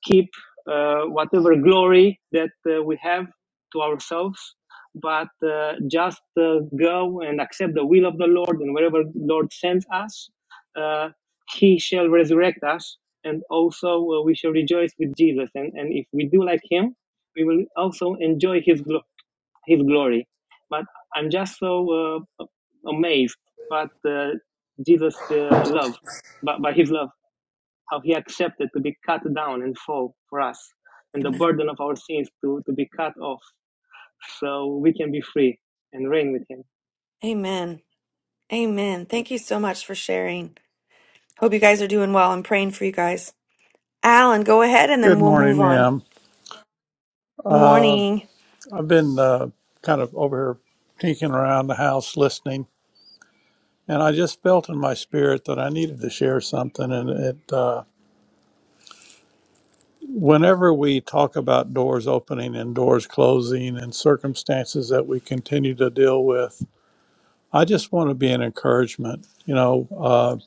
S13: keep uh, whatever glory that uh, we have to ourselves, but uh, just uh, go and accept the will of the Lord, and wherever the Lord sends us, uh, He shall resurrect us, and also uh, we shall rejoice with Jesus. And, and if we do like Him, we will also enjoy His glo- His glory. But I'm just so uh, amazed, but uh, Jesus' uh, love, by, by His love how he accepted to be cut down and fall for us, and the
S1: Amen.
S13: burden of our sins to, to be cut off so we can be free and reign with him.
S1: Amen. Amen. Thank you so much for sharing. Hope you guys are doing well. I'm praying for you guys. Alan, go ahead and then
S14: Good
S1: we'll move
S14: morning,
S1: on.
S14: Em. Uh,
S1: Morning.
S14: I've been uh, kind of over here tinking around the house listening, and I just felt in my spirit that I needed to share something. And it, uh, whenever we talk about doors opening and doors closing and circumstances that we continue to deal with, I just want to be an encouragement. You know, uh,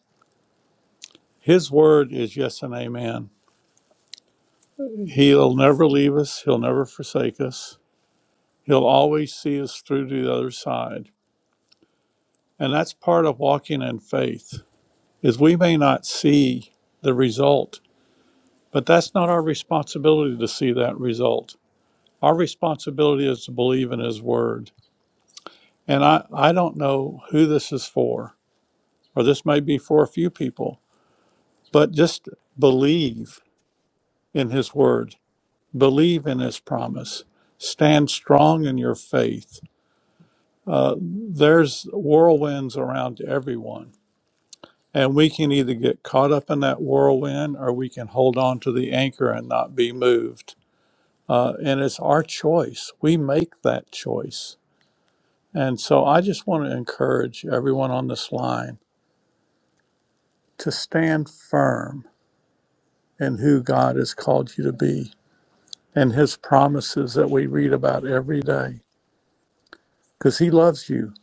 S14: His word is yes and amen. He'll never leave us, He'll never forsake us, He'll always see us through to the other side And that's part of walking in faith is we may not see the result, but that's not our responsibility to see that result. Our responsibility is to believe in his word. And I, I don't know who this is for, or this may be for a few people, but just believe in his word, believe in his promise, stand strong in your faith. Uh, there's whirlwinds around everyone And we can either get caught up in that whirlwind or we can hold on to the anchor and not be moved. Uh, and it's our choice. We make that choice. And so I just want to encourage everyone on this line to stand firm in who God has called you to be and his promises that we read about every day because he loves you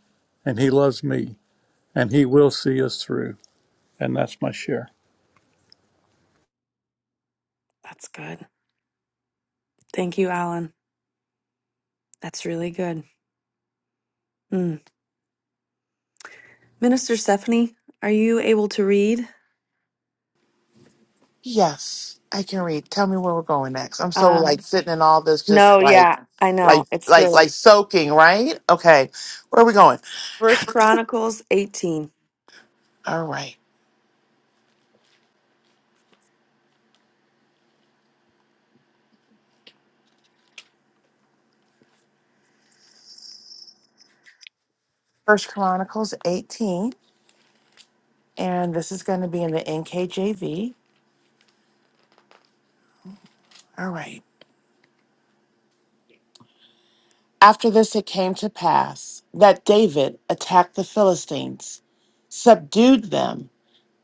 S14: and he loves me and he will see us through. And that's my share.
S1: That's good. Thank you, Alan. That's really good. Mm. Minister Stephanie, are you able to read?
S9: yes i can read tell me where we're going next i'm so like
S1: Um,
S9: sitting in all this
S1: no,
S9: just like
S1: yeah, I know.
S9: like
S1: It's
S9: like
S1: good.
S9: like soaking right okay where are we going
S1: First Chronicles 18.
S9: all right first chronicles 18 and this is going to be in the nkjv all right after this it came to pass that david attacked the philistines subdued them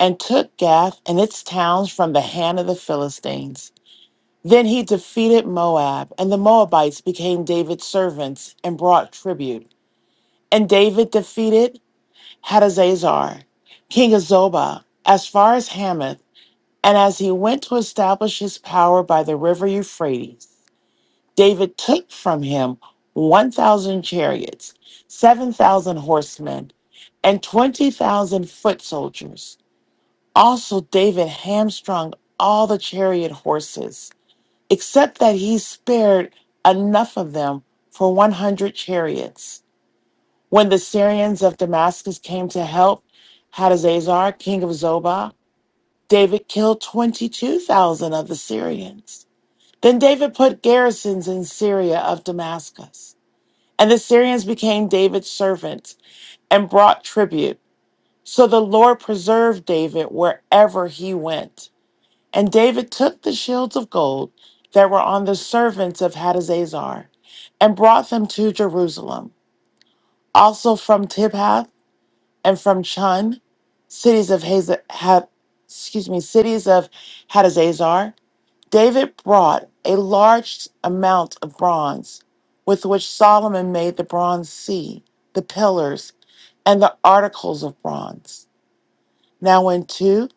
S9: and took Gath and its towns from the hand of the Philistines. Then he defeated Moab, and the Moabites became David's servants and brought tribute. And David defeated Hadazazar, king of Zobah, as far as Hamath, and as he went to establish his power by the river Euphrates, David took from him 1,000 chariots, 7,000 horsemen, and 20,000 foot soldiers. Also, David hamstrung all the chariot horses, except that he spared enough of them for 100 chariots. When the Syrians of Damascus came to help Hadazazar, king of Zobah, David killed 22,000 of the Syrians. Then David put garrisons in Syria of Damascus. And the Syrians became David's servants and brought tribute. So the Lord preserved David wherever he went. And David took the shields of gold that were on the servants of Hadazazar and brought them to Jerusalem. Also from Tibhath and from Chun, cities of Haz- ha- excuse me, cities of Hadazazar, David brought a large amount of bronze, with which Solomon made the bronze sea, the pillars, and the articles of bronze. Now when two,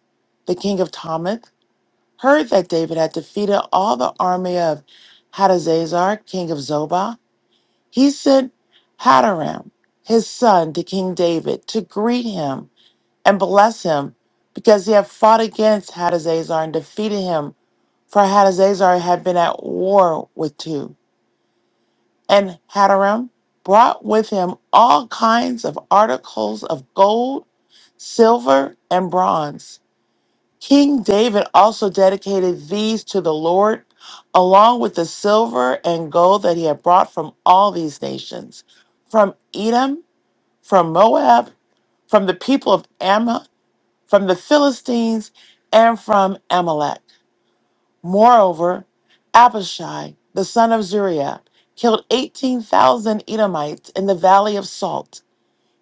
S9: the king of Tomath heard that David had defeated all the army of Hadazazar, king of Zobah, he sent Hadaram, his son, to King David to greet him and bless him because he had fought against Hadazazar and defeated him, for Hadazazar had been at war with two. And Hadaram brought with him all kinds of articles of gold, silver, and bronze. King David also dedicated these to the Lord, along with the silver and gold that he had brought from all these nations from Edom, from Moab, from the people of Ammon, from the Philistines, and from Amalek. Moreover, Abishai, the son of Zuriah, killed 18,000 Edomites in the valley of Salt.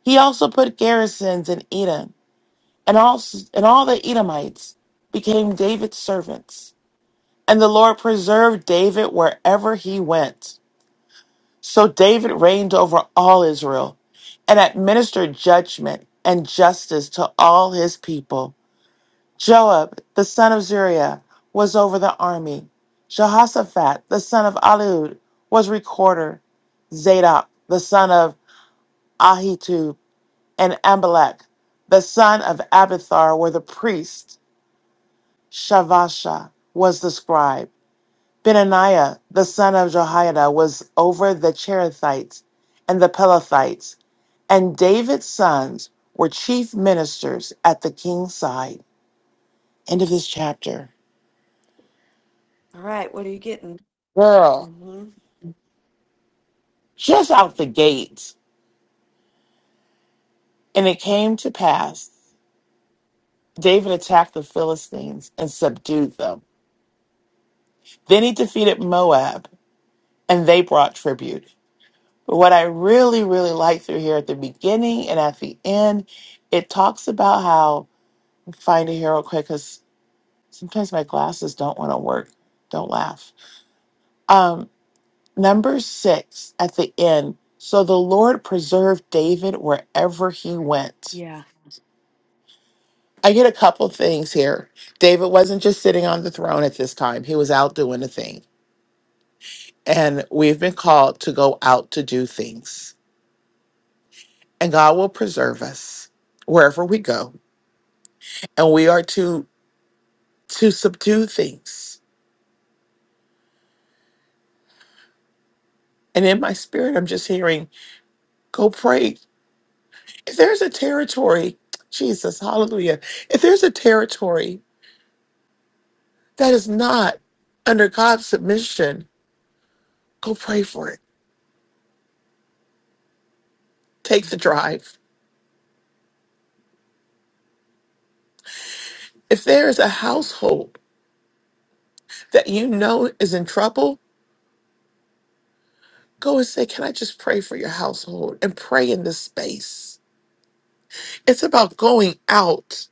S9: He also put garrisons in Edom, and, also, and all the Edomites became David's servants. And the Lord preserved David wherever he went. So David reigned over all Israel and administered judgment and justice to all his people. Joab, the son of Zeruiah, was over the army. Jehoshaphat, the son of Ahilud, was recorder. Zadok, the son of Ahitub, and Amalek, the son of Abithar, were the priests. Shavasha was the scribe. Benaniah, the son of Jehoiada, was over the Cherethites and the Pelethites, and David's sons were chief ministers at the king's side. End of this chapter.
S1: All right, what are you getting?
S9: Girl,
S1: hmm
S9: just out the gate. And it came to pass, David attacked the Philistines and subdued them. Then he defeated Moab, and they brought tribute. But what I really, really like through here at the beginning and at the end, it talks about how find a hero quick Sometimes my glasses don't want to work. Don't laugh. Um, number six at the end. So the Lord preserved David wherever he went.
S1: Yeah.
S9: I get a couple things here. David wasn't just sitting on the throne at this time, he was out doing a thing. And we've been called to go out to do things. And God will preserve us wherever we go. And we are to to subdue things. And in my spirit, I'm just hearing, go pray if there's a territory, Jesus, hallelujah, if there's a territory that is not under God's submission, go pray for it. Take the drive. If there is a household that you know is in trouble, go and say, Can I just pray for your household and pray in this space? It's about going out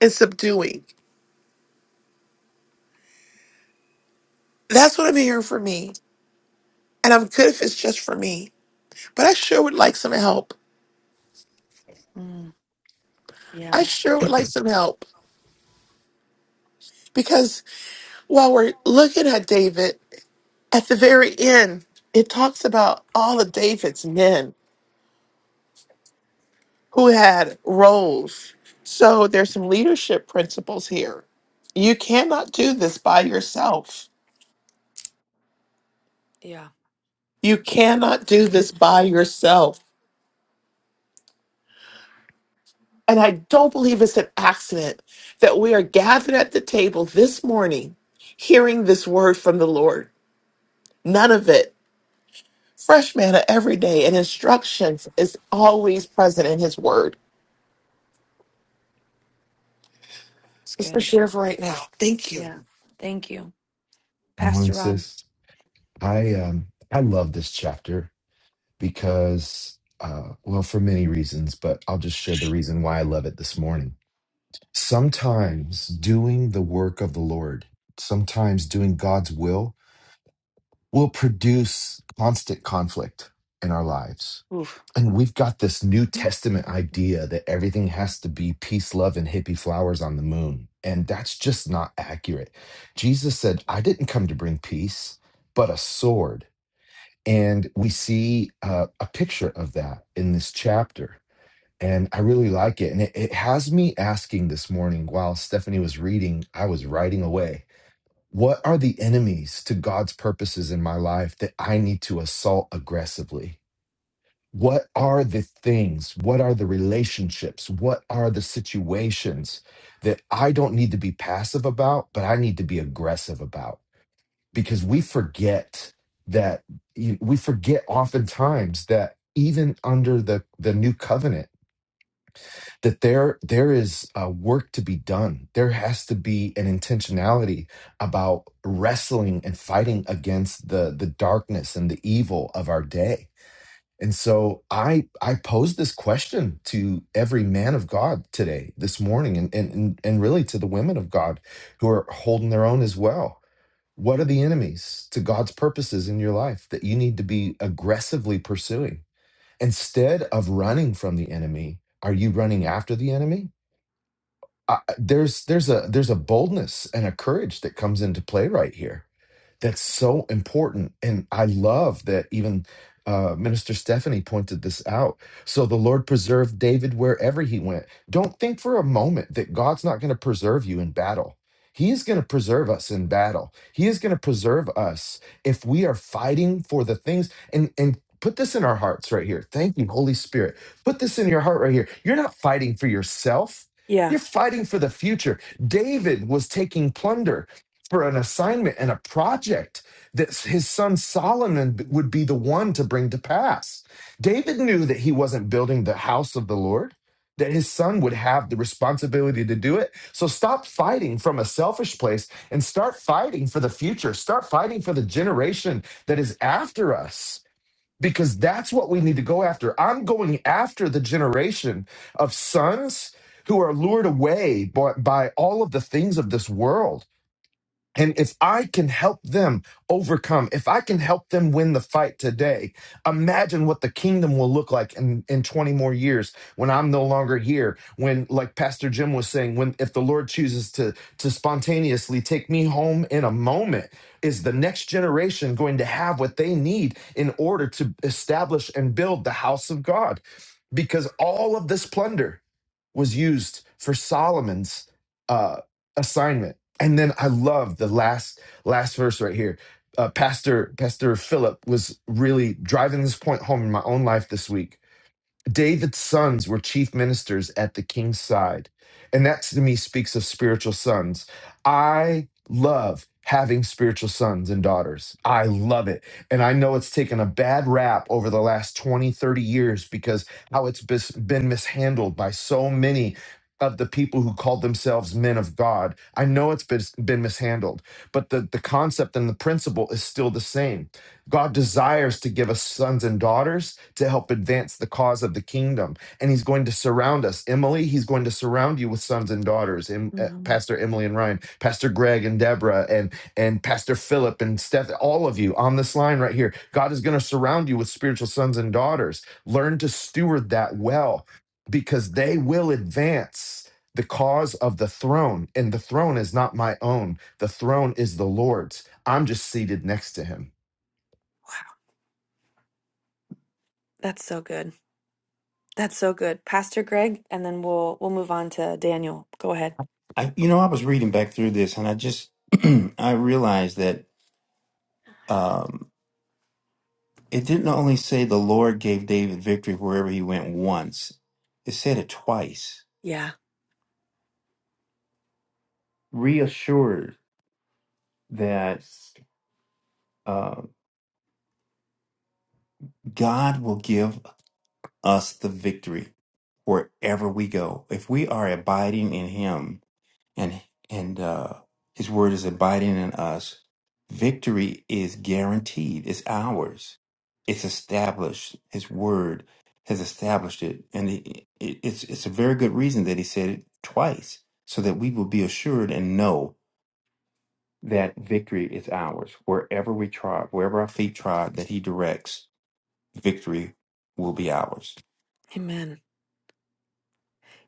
S9: and subduing. That's what I'm hearing for me. And I'm good if it's just for me. But I sure would like some help.
S1: Mm, yeah.
S9: I sure would like some help because. While we're looking at David, at the very end, it talks about all of David's men who had roles. So there's some leadership principles here. You cannot do this by yourself.
S1: Yeah.
S9: You cannot do this by yourself. And I don't believe it's an accident that we are gathered at the table this morning, hearing this word from the Lord. None of it. Fresh manna every day, and instructions is always present in His word.
S1: It's
S9: Just for
S1: good.
S9: share for right now. Thank you.
S1: Yeah. Thank you.
S4: come on
S1: Pastor Ron.
S4: sis i um i love this chapter because uh well for many reasons but i'll just share the
S1: Mhm.
S4: reason why i love it this morning Sometimes doing the work of the Lord, sometimes doing God's will, will produce constant conflict in our lives.
S1: Oof.
S4: And we've got this New Testament idea that everything has to be peace, love, and hippie flowers on the moon. And that's just not accurate. Jesus said, I didn't come to bring peace, but a sword. And we see uh, a picture of that in this chapter and I really like it. And it, it has me asking this morning while Stephanie was reading, I was writing away. What are the enemies to God's purposes in my life that I need to assault aggressively? What are the things? What are the relationships? What are the situations that I don't need to be passive about, but I need to be aggressive about? Because we forget that, you- we forget oftentimes that even under the, the new covenant, that there there is uh, work to be done. There has to be an intentionality about wrestling and fighting against the the darkness and the evil of our day. And so I I pose this question to every man of God today, this morning, and and and and really to the women of God who are holding their own as well. What are the enemies to God's purposes in your life that you need to be aggressively pursuing? Instead of running from the enemy, are you running after the enemy? I, I- there's there's a there's a boldness and a courage that comes into play right here that's so important. And I love that even uh, Minister Stephanie pointed this out. So the Lord preserved David wherever he went. Don't think for a moment that God's not going to preserve you in battle. He is going to preserve us in battle. He is going to preserve us if we are fighting for the things and and put this in our hearts right here. Thank you, Holy Spirit. Put this in your heart right here. You're not fighting for yourself.
S1: Yeah.
S4: You're fighting for the future. David was taking plunder for an assignment and a project that his son Solomon would be the one to bring to pass. David knew that he wasn't building the house of the Lord, that his son would have the responsibility to do it. So stop fighting from a selfish place and start fighting for the future. Start fighting for the generation that is after us. Because that's what we need to go after. I'm going after the generation of sons who are lured away by, by all of the things of this world and if I can help them overcome, if I can help them win the fight today, imagine what the kingdom will look like in, in 20 more years when I'm no longer here. When, like Pastor Jim was saying, when if the Lord chooses to, to spontaneously take me home in a moment, is the next generation going to have what they need in order to establish and build the house of God? Because all of this plunder, was used for Solomon's uh, assignment. And then I love the last last verse right here. Uh, Pastor Pastor Philip was really driving this point home in my own life this week David's sons were chief ministers at the king's side. And that to me speaks of spiritual sons. I love having spiritual sons and daughters. I love it. And I know it's taken a bad rap over the last 20, 30 years because how it's bis- been mishandled by so many of the people who called themselves men of God. I know it's been, been mishandled, but the, the concept and the principle is still the same. God desires to give us sons and daughters to help advance the cause of the kingdom. And He's going to surround us. Emily, He's going to surround you with sons and daughters. Em- uh,
S1: Mhm.
S4: Pastor Emily and Ryan, Pastor Greg and Deborah, and, and Pastor Philip and Steph, all of you on this line right here. God is going to surround you with spiritual sons and daughters. Learn to steward that well because they will advance the cause of the throne. And the throne is not my own, the throne is the Lord's. I'm just seated next to Him.
S1: That's so good. That's so good. Pastor Greg, and then we'll we'll move on to Daniel. Go ahead.
S15: I, you know, I was reading back through this, and I just I realized that um, it didn't only say the Lord gave David victory wherever he went once; it said it twice,
S1: Yeah.
S15: reassured that uh, God will give us the victory wherever we go if we are abiding in Him. and and uh, His word is abiding in us. Victory is guaranteed. It's ours. It's established. His word has established it, and it, it, it's it's a very good reason that He said it twice, so that we will be assured and know that victory is ours wherever we trod, wherever our feet trod, that He directs. Victory will be ours.
S1: Amen.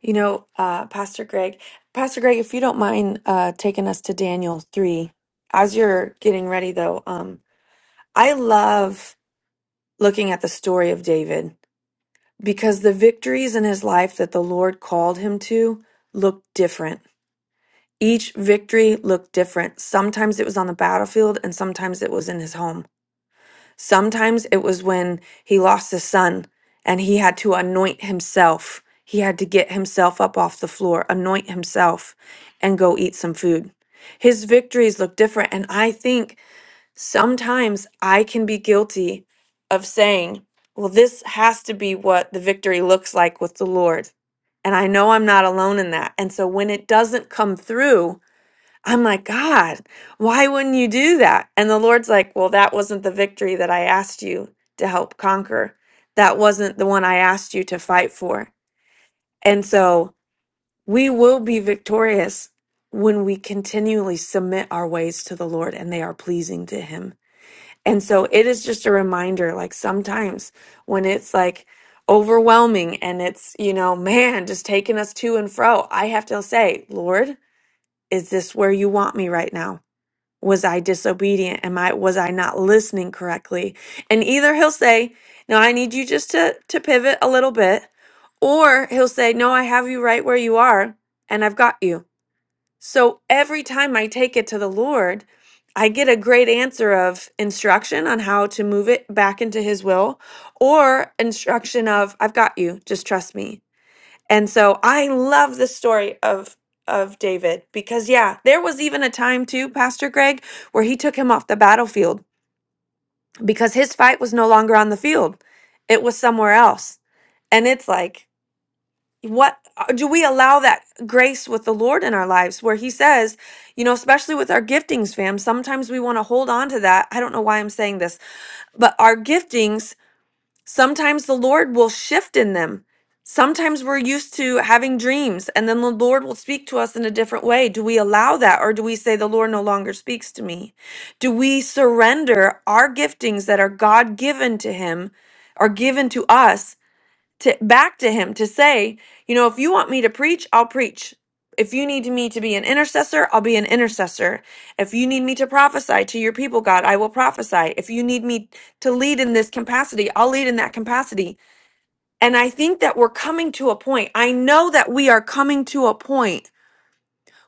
S1: You know, uh, Pastor Greg, Pastor Greg, if you don't mind uh, taking us to Daniel 3, as you're getting ready though, um, I love looking at the story of David because the victories in his life that the Lord called him to looked different. Each victory looked different. Sometimes it was on the battlefield and sometimes it was in his home. Sometimes it was when he lost his son and he had to anoint himself. He had to get himself up off the floor, anoint himself, and go eat some food. His victories look different. And I think sometimes I can be guilty of saying, well, this has to be what the victory looks like with the Lord. And I know I'm not alone in that. And so when it doesn't come through, I'm like, God, why wouldn't you do that? And the Lord's like, Well, that wasn't the victory that I asked you to help conquer. That wasn't the one I asked you to fight for. And so we will be victorious when we continually submit our ways to the Lord and they are pleasing to Him. And so it is just a reminder like sometimes when it's like overwhelming and it's, you know, man, just taking us to and fro, I have to say, Lord, is this where you want me right now? was I disobedient? Am I was I not listening correctly? And either he'll say, "No, I need you just to to pivot a little bit," or he'll say, "No, I have you right where you are, and I've got you." So every time I take it to the Lord, I get a great answer of instruction on how to move it back into his will or instruction of I've got you, just trust me. And so I love the story of of David because yeah, there was even a time too, Pastor Greg, where he took him off the battlefield because his fight was no longer on the field. It was somewhere else. And it's like what uh, do we allow that grace with the Lord in our lives where he says, you know, especially with our giftings, fam, sometimes we want to hold on to that. I don't know why I'm saying this, but our giftings Sometimes the Lord will shift in them. Sometimes we're used to having dreams and then the Lord will speak to us in a different way. Do we allow that or do we say, The Lord no longer speaks to me? Do we surrender our giftings that are God given to Him, are given to us? to back to him to say, you know, if you want me to preach, I'll preach. If you need me to be an intercessor, I'll be an intercessor. If you need me to prophesy to your people, God, I will prophesy. If you need me to lead in this capacity, I'll lead in that capacity. And I think that we're coming to a point. I know that we are coming to a point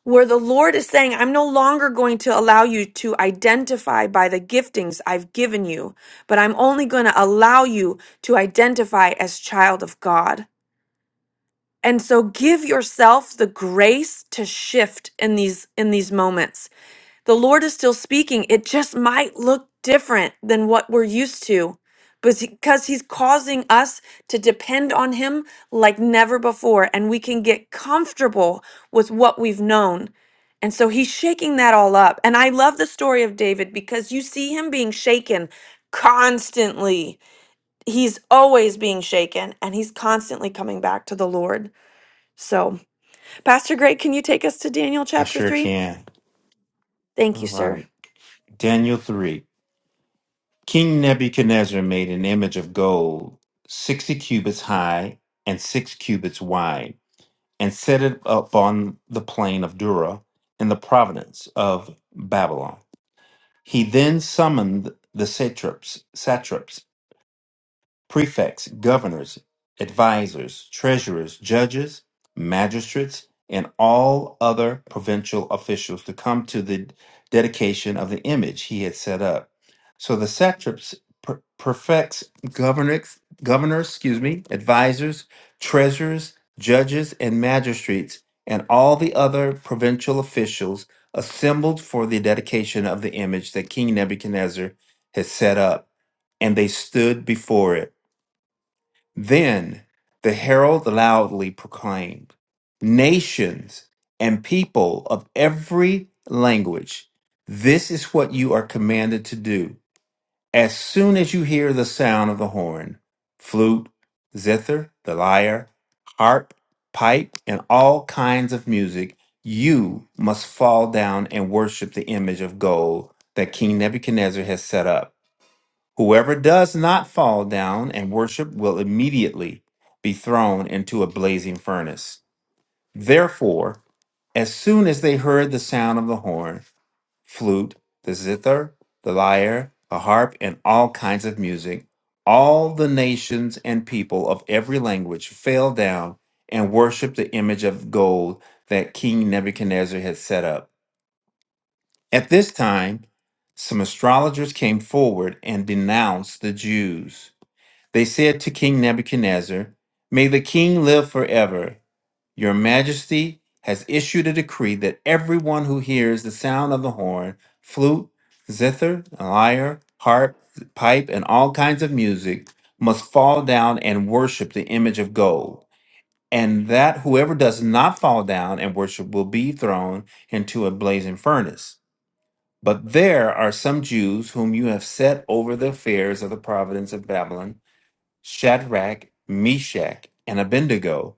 S1: where the Lord is saying, I'm no longer going to allow you to identify by the giftings I've given you, but I'm only going to allow you to identify as child of God. And so give yourself the grace to shift in these in these moments. The Lord is still speaking. It just might look different than what we're used to but because he's causing us to depend on him like never before and we can get comfortable with what we've known. And so he's shaking that all up. And I love the story of David because you see him being shaken constantly. He's always being shaken and he's constantly coming back to the Lord. So Pastor Greg, can you take us to Daniel
S15: I
S1: chapter
S15: sure
S1: 3?
S15: can. All
S1: Thank you, sir.
S15: right, Daniel three. King Nebuchadnezzar made an image of gold, sixty cubits high and six cubits wide, and set it up on the plain of Dura in the province of Babylon. He then summoned the satraps, satraps prefects, governors, advisors, treasurers, judges, magistrates, and all other provincial officials to come to the dedication of the image he had set up. So the satraps, per- prefects, governors, governors, excuse me, advisors, treasurers, judges, and magistrates, and all the other provincial officials assembled for the dedication of the image that King Nebuchadnezzar had set up, and they stood before it. Then the herald loudly proclaimed, Nations and people of every language, this is what you are commanded to do. As soon as you hear the sound of the horn, flute, zither, the lyre, harp, pipe, and all kinds of music, you must fall down and worship the image of gold that King Nebuchadnezzar has set up. Whoever does not fall down and worship will immediately be thrown into a blazing furnace. Therefore, as soon as they heard the sound of the horn, flute, the zither, the lyre, the harp, and all kinds of music, all the nations and people of every language fell down and worshiped the image of gold that King Nebuchadnezzar had set up. At this time, some astrologers came forward and denounced the Jews they said to King Nebuchadnezzar, May the king live forever. Your majesty has issued a decree that everyone who hears the sound of the horn, flute, zither, lyre, harp, pipe, and all kinds of music must fall down and worship the image of gold, and that whoever does not fall down and worship will be thrown into a blazing furnace. But there are some Jews whom you have set over the affairs of the province of Babylon Shadrach, Meshach, and Abednego,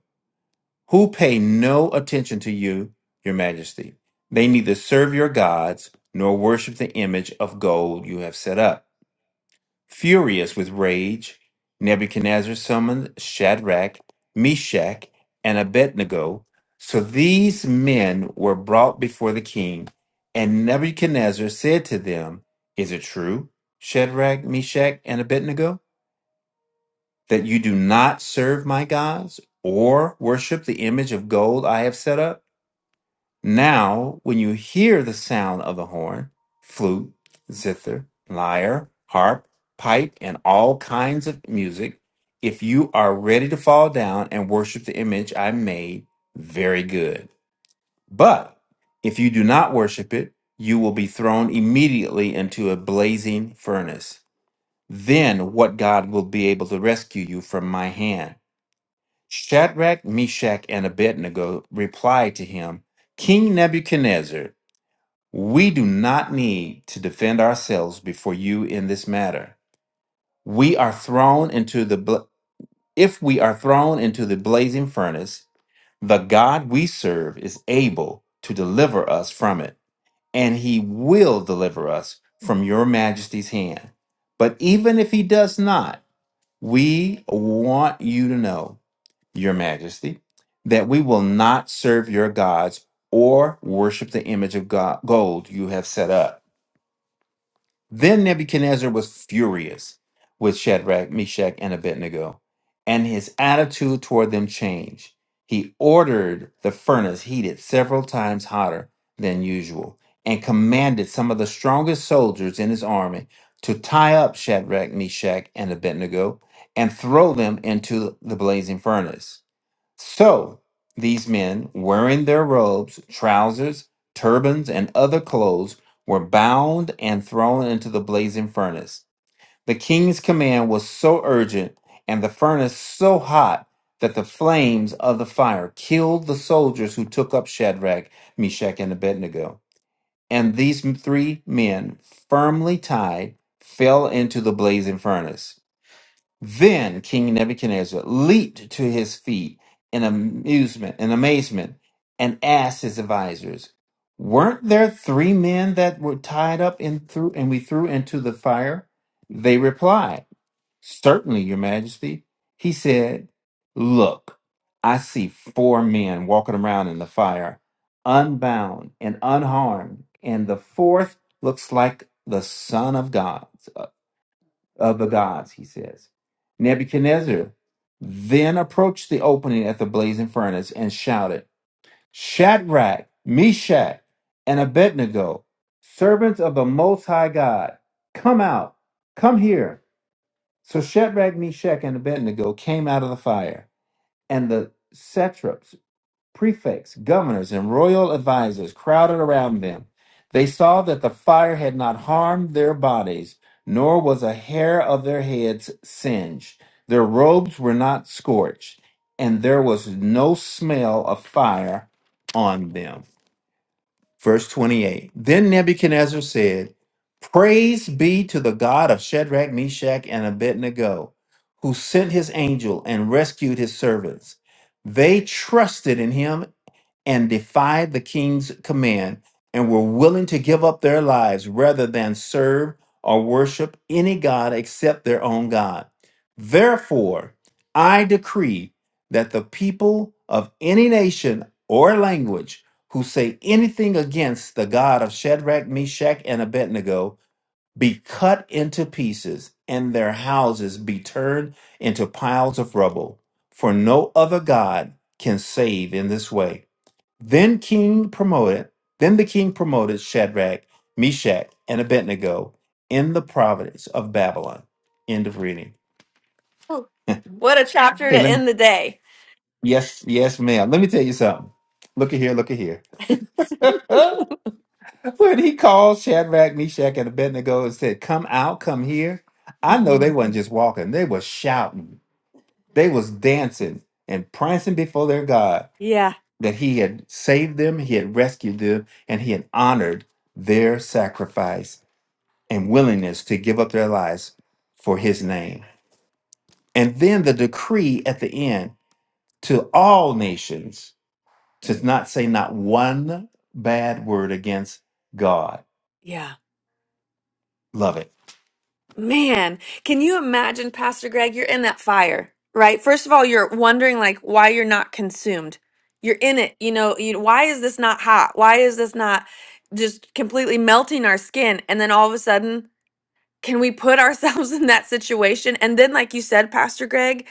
S15: who pay no attention to you, your majesty. They neither serve your gods nor worship the image of gold you have set up. Furious with rage, Nebuchadnezzar summoned Shadrach, Meshach, and Abednego. So these men were brought before the king, and Nebuchadnezzar said to them, Is it true, Shadrach, Meshach, and Abednego? that you do not serve my gods or worship the image of gold I have set up? Now, when you hear the sound of the horn, flute, zither, lyre, harp, pipe, and all kinds of music, if you are ready to fall down and worship the image I made, very good. But if you do not worship it, you will be thrown immediately into a blazing furnace. Then what God will be able to rescue you from my hand? Shadrach, Meshach, and Abednego replied to him, King Nebuchadnezzar, we do not need to defend ourselves before you in this matter. We are thrown into the bla- if we are thrown into the blazing furnace, the God we serve is able to deliver us from it, and he will deliver us from your majesty's hand. But even if he does not, we want you to know your majesty, that we will not serve your gods or worship the image of go- gold you have set up. Then Nebuchadnezzar was furious with Shadrach, Meshach, and Abednego, and his attitude toward them changed. He ordered the furnace heated several times hotter than usual and commanded some of the strongest soldiers in his army to tie up Shadrach, Meshach, and Abednego and throw them into the blazing furnace. So these men, wearing their robes, trousers, turbans, and other clothes, were bound and thrown into the blazing furnace. The king's command was so urgent and the furnace so hot that the flames of the fire killed the soldiers who took up Shadrach, Meshach, and Abednego. And these three men, firmly tied, fell into the blazing furnace. Then King Nebuchadnezzar leaped to his feet in amusement and amazement and asked his advisors, Weren't there three men that were tied up and threw and we threw into the fire? They replied, Certainly, your majesty. He said, Look, I see four men walking around in the fire, unbound and unharmed, and the fourth looks like the Son of God of the gods, he says. Nebuchadnezzar then approached the opening at the blazing furnace and shouted, Shadrach, Meshach, and Abednego, servants of the Most High God, come out, come here. So Shadrach, Meshach, and Abednego came out of the fire, and the satraps Prefects, governors, and royal advisers crowded around them. They saw that the fire had not harmed their bodies, nor was a hair of their heads singed. Their robes were not scorched, and there was no smell of fire on them. Verse 28 Then Nebuchadnezzar said, Praise be to the God of Shadrach, Meshach, and Abednego, who sent his angel and rescued his servants. They trusted in him and defied the king's command and were willing to give up their lives rather than serve or worship any god except their own God. Therefore, I decree that the people of any nation or language who say anything against the God of Shadrach, Meshach, and Abednego be cut into pieces and their houses be turned into piles of rubble, for no other God can save in this way. Then king promoted, then the king promoted Shadrach, Meshach, and Abednego in the province of Babylon. End of reading.
S1: Oh, What a chapter
S15: Hey,
S1: to
S15: let me,
S1: end the day.
S15: yes, yes, ma'am. Let me tell you something. Look at here, look at here. when he called Shadrach, Meshach, and Abednego and said, "Come out, come here," I know
S1: hmm
S15: they wasn't just walking; they was shouting, they was dancing and prancing before their God
S1: Yeah,
S15: that He had saved them, He had rescued them, and He had honored their sacrifice. and willingness to give up their lives for his name. And then the decree at the end to all nations to not say not one bad word against God.
S1: yeah.
S15: Love it.
S1: Man, can you imagine, Pastor Greg? You're in that fire, right? First of all, you're wondering like why you're not consumed. You're in it, you know. You, why is this not hot? Why is this not just completely melting our skin? And then all of a sudden, can we put ourselves in that situation? And then, like you said, Pastor Greg,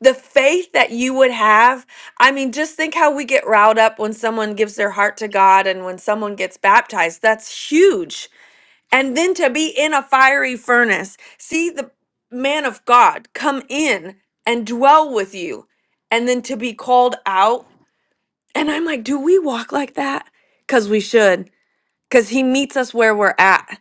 S1: the faith that you would have. I mean, just think how we get riled up when someone gives their heart to God and when someone gets baptized. That's huge. And then to be in a fiery furnace, see the man of God come in and dwell with you, and then to be called out. And I'm like, do we walk like that? Because we should, because he meets us where we're at.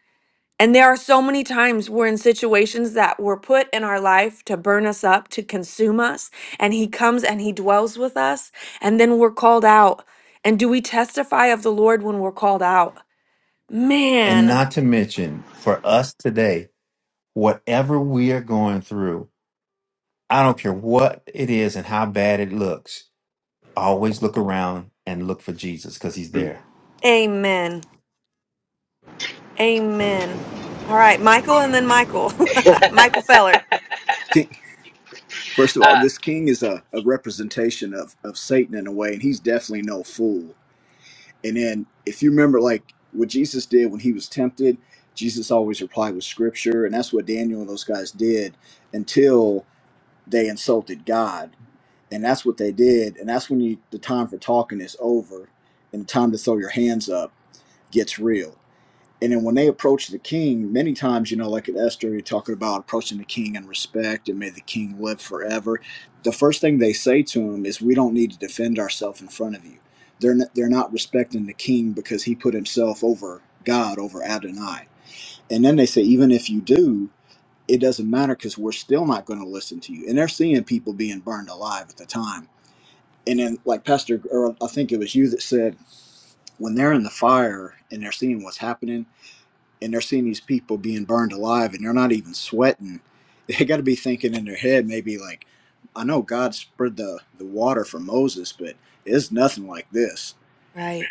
S1: And there are so many times we're in situations that were put in our life to burn us up, to consume us, and He comes and He dwells with us, and then we're called out. And do we testify of the Lord when we're called out?
S15: And
S1: Man,
S15: not to mention for us today, whatever we are going through, I don't care what it is and how bad it looks, always look around and look for Jesus because he's
S16: Mm.
S15: there.
S1: amen. Amen. All right, Michael and then Michael. Michael Feller.
S17: King, first of all,
S3: uh,
S17: this king is a, a representation of, of Satan in a way, and he's definitely no fool. And then, if you remember, like what Jesus did when he was tempted, Jesus always replied with scripture, and that's what Daniel and those guys did until they insulted God. And that's what they did. And that's when you, the time for talking is over and the time to throw your hands up gets real. And then when they approach the king, many times, you know, like in Esther, you're talking about approaching the king in respect and may the king live forever. The first thing they say to him is, We don't need to defend ourselves in front of you. They're, n- they're not respecting the king because he put himself over God, over Adonai. And then they say, Even if you do, it doesn't matter because we're still not going to listen to you. And they're seeing people being burned alive at the time. And then, like Pastor, or I think it was you that said, when they're in the fire and they're seeing what's happening, and they're seeing these people being burned alive and they're not even sweating they got to be thinking in their head maybe like i know god spread the, the water for moses but it's nothing like this
S1: Right.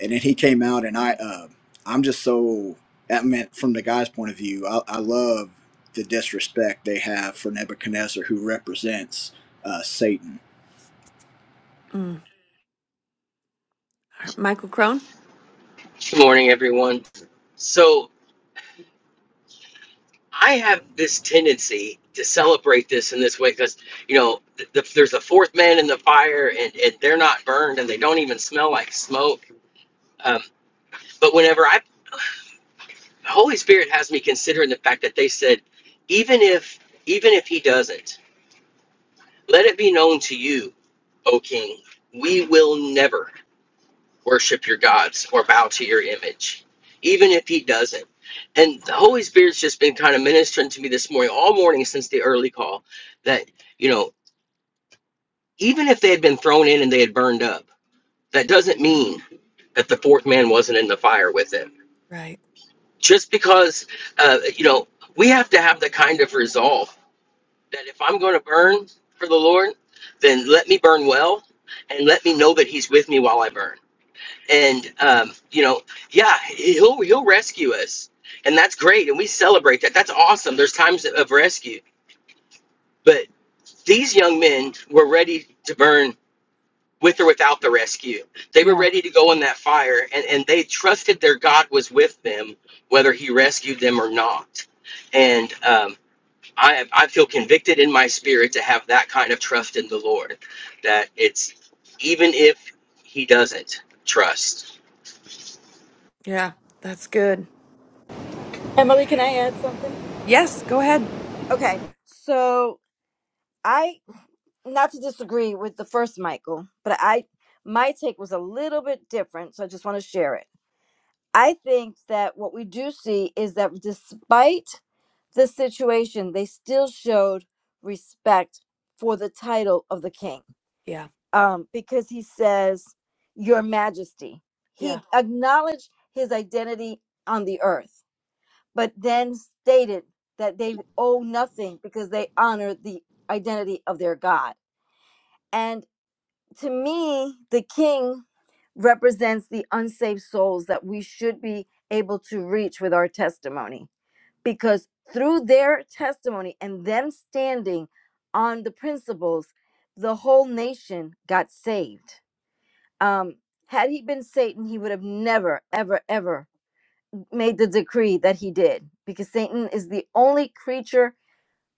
S17: and then he came out and i uh, i'm just so that meant from the guy's point of view i, I love the disrespect they have for nebuchadnezzar who represents uh, satan
S1: Mm. Michael Crone.
S3: good morning, everyone. So I have this tendency to celebrate this in this way because you know th- th- there's a fourth man in the fire, and, and they're not burned, and they don't even smell like smoke. Um, but whenever I, the Holy Spirit has me considering the fact that they said, even if even if he doesn't, let it be known to you, O King, we will never worship your gods or bow to your image, even if he doesn't. And the Holy Spirit's just been kind of ministering to me this morning, all morning since the early call, that, you know, even if they had been thrown in and they had burned up, that doesn't mean that the fourth man wasn't in the fire with them.
S1: Right.
S3: Just because, uh, you know, we have to have the kind of resolve that if I'm going to burn for the Lord, then let me burn well and let me know that he's with me while I burn and um, you know, yeah, he'll he'll rescue us, and that's great, and we celebrate that. That's awesome. There's times of rescue, but these young men were ready to burn with or without the rescue. They were
S1: Yeah.
S3: ready to go in that fire, and and they trusted their God was with them, whether He rescued them or not. And um, I I feel convicted in my spirit to have that kind of trust in the Lord, that it's even if He doesn't trust.
S1: Yeah, that's good.
S12: Emily, can I add something?
S1: Yes, go ahead.
S12: okay so i not to disagree with the first Michael, but I my take was a little bit different, so I just want to share it. I think that what we do see is that despite the situation, they still showed respect for the title of the king.
S1: Yeah.
S12: Um, because he says, Your Majesty.
S1: Yeah.
S12: He acknowledged his identity on the earth, but then stated that they owe nothing because they honor the identity of their God. and. to me, the king represents the unsaved souls that we should be able to reach with our testimony. Because through their testimony and them standing on the principles, the whole nation got saved. Um, had he been Satan, he would have never, ever, ever made the decree that he did, because Satan is the only creature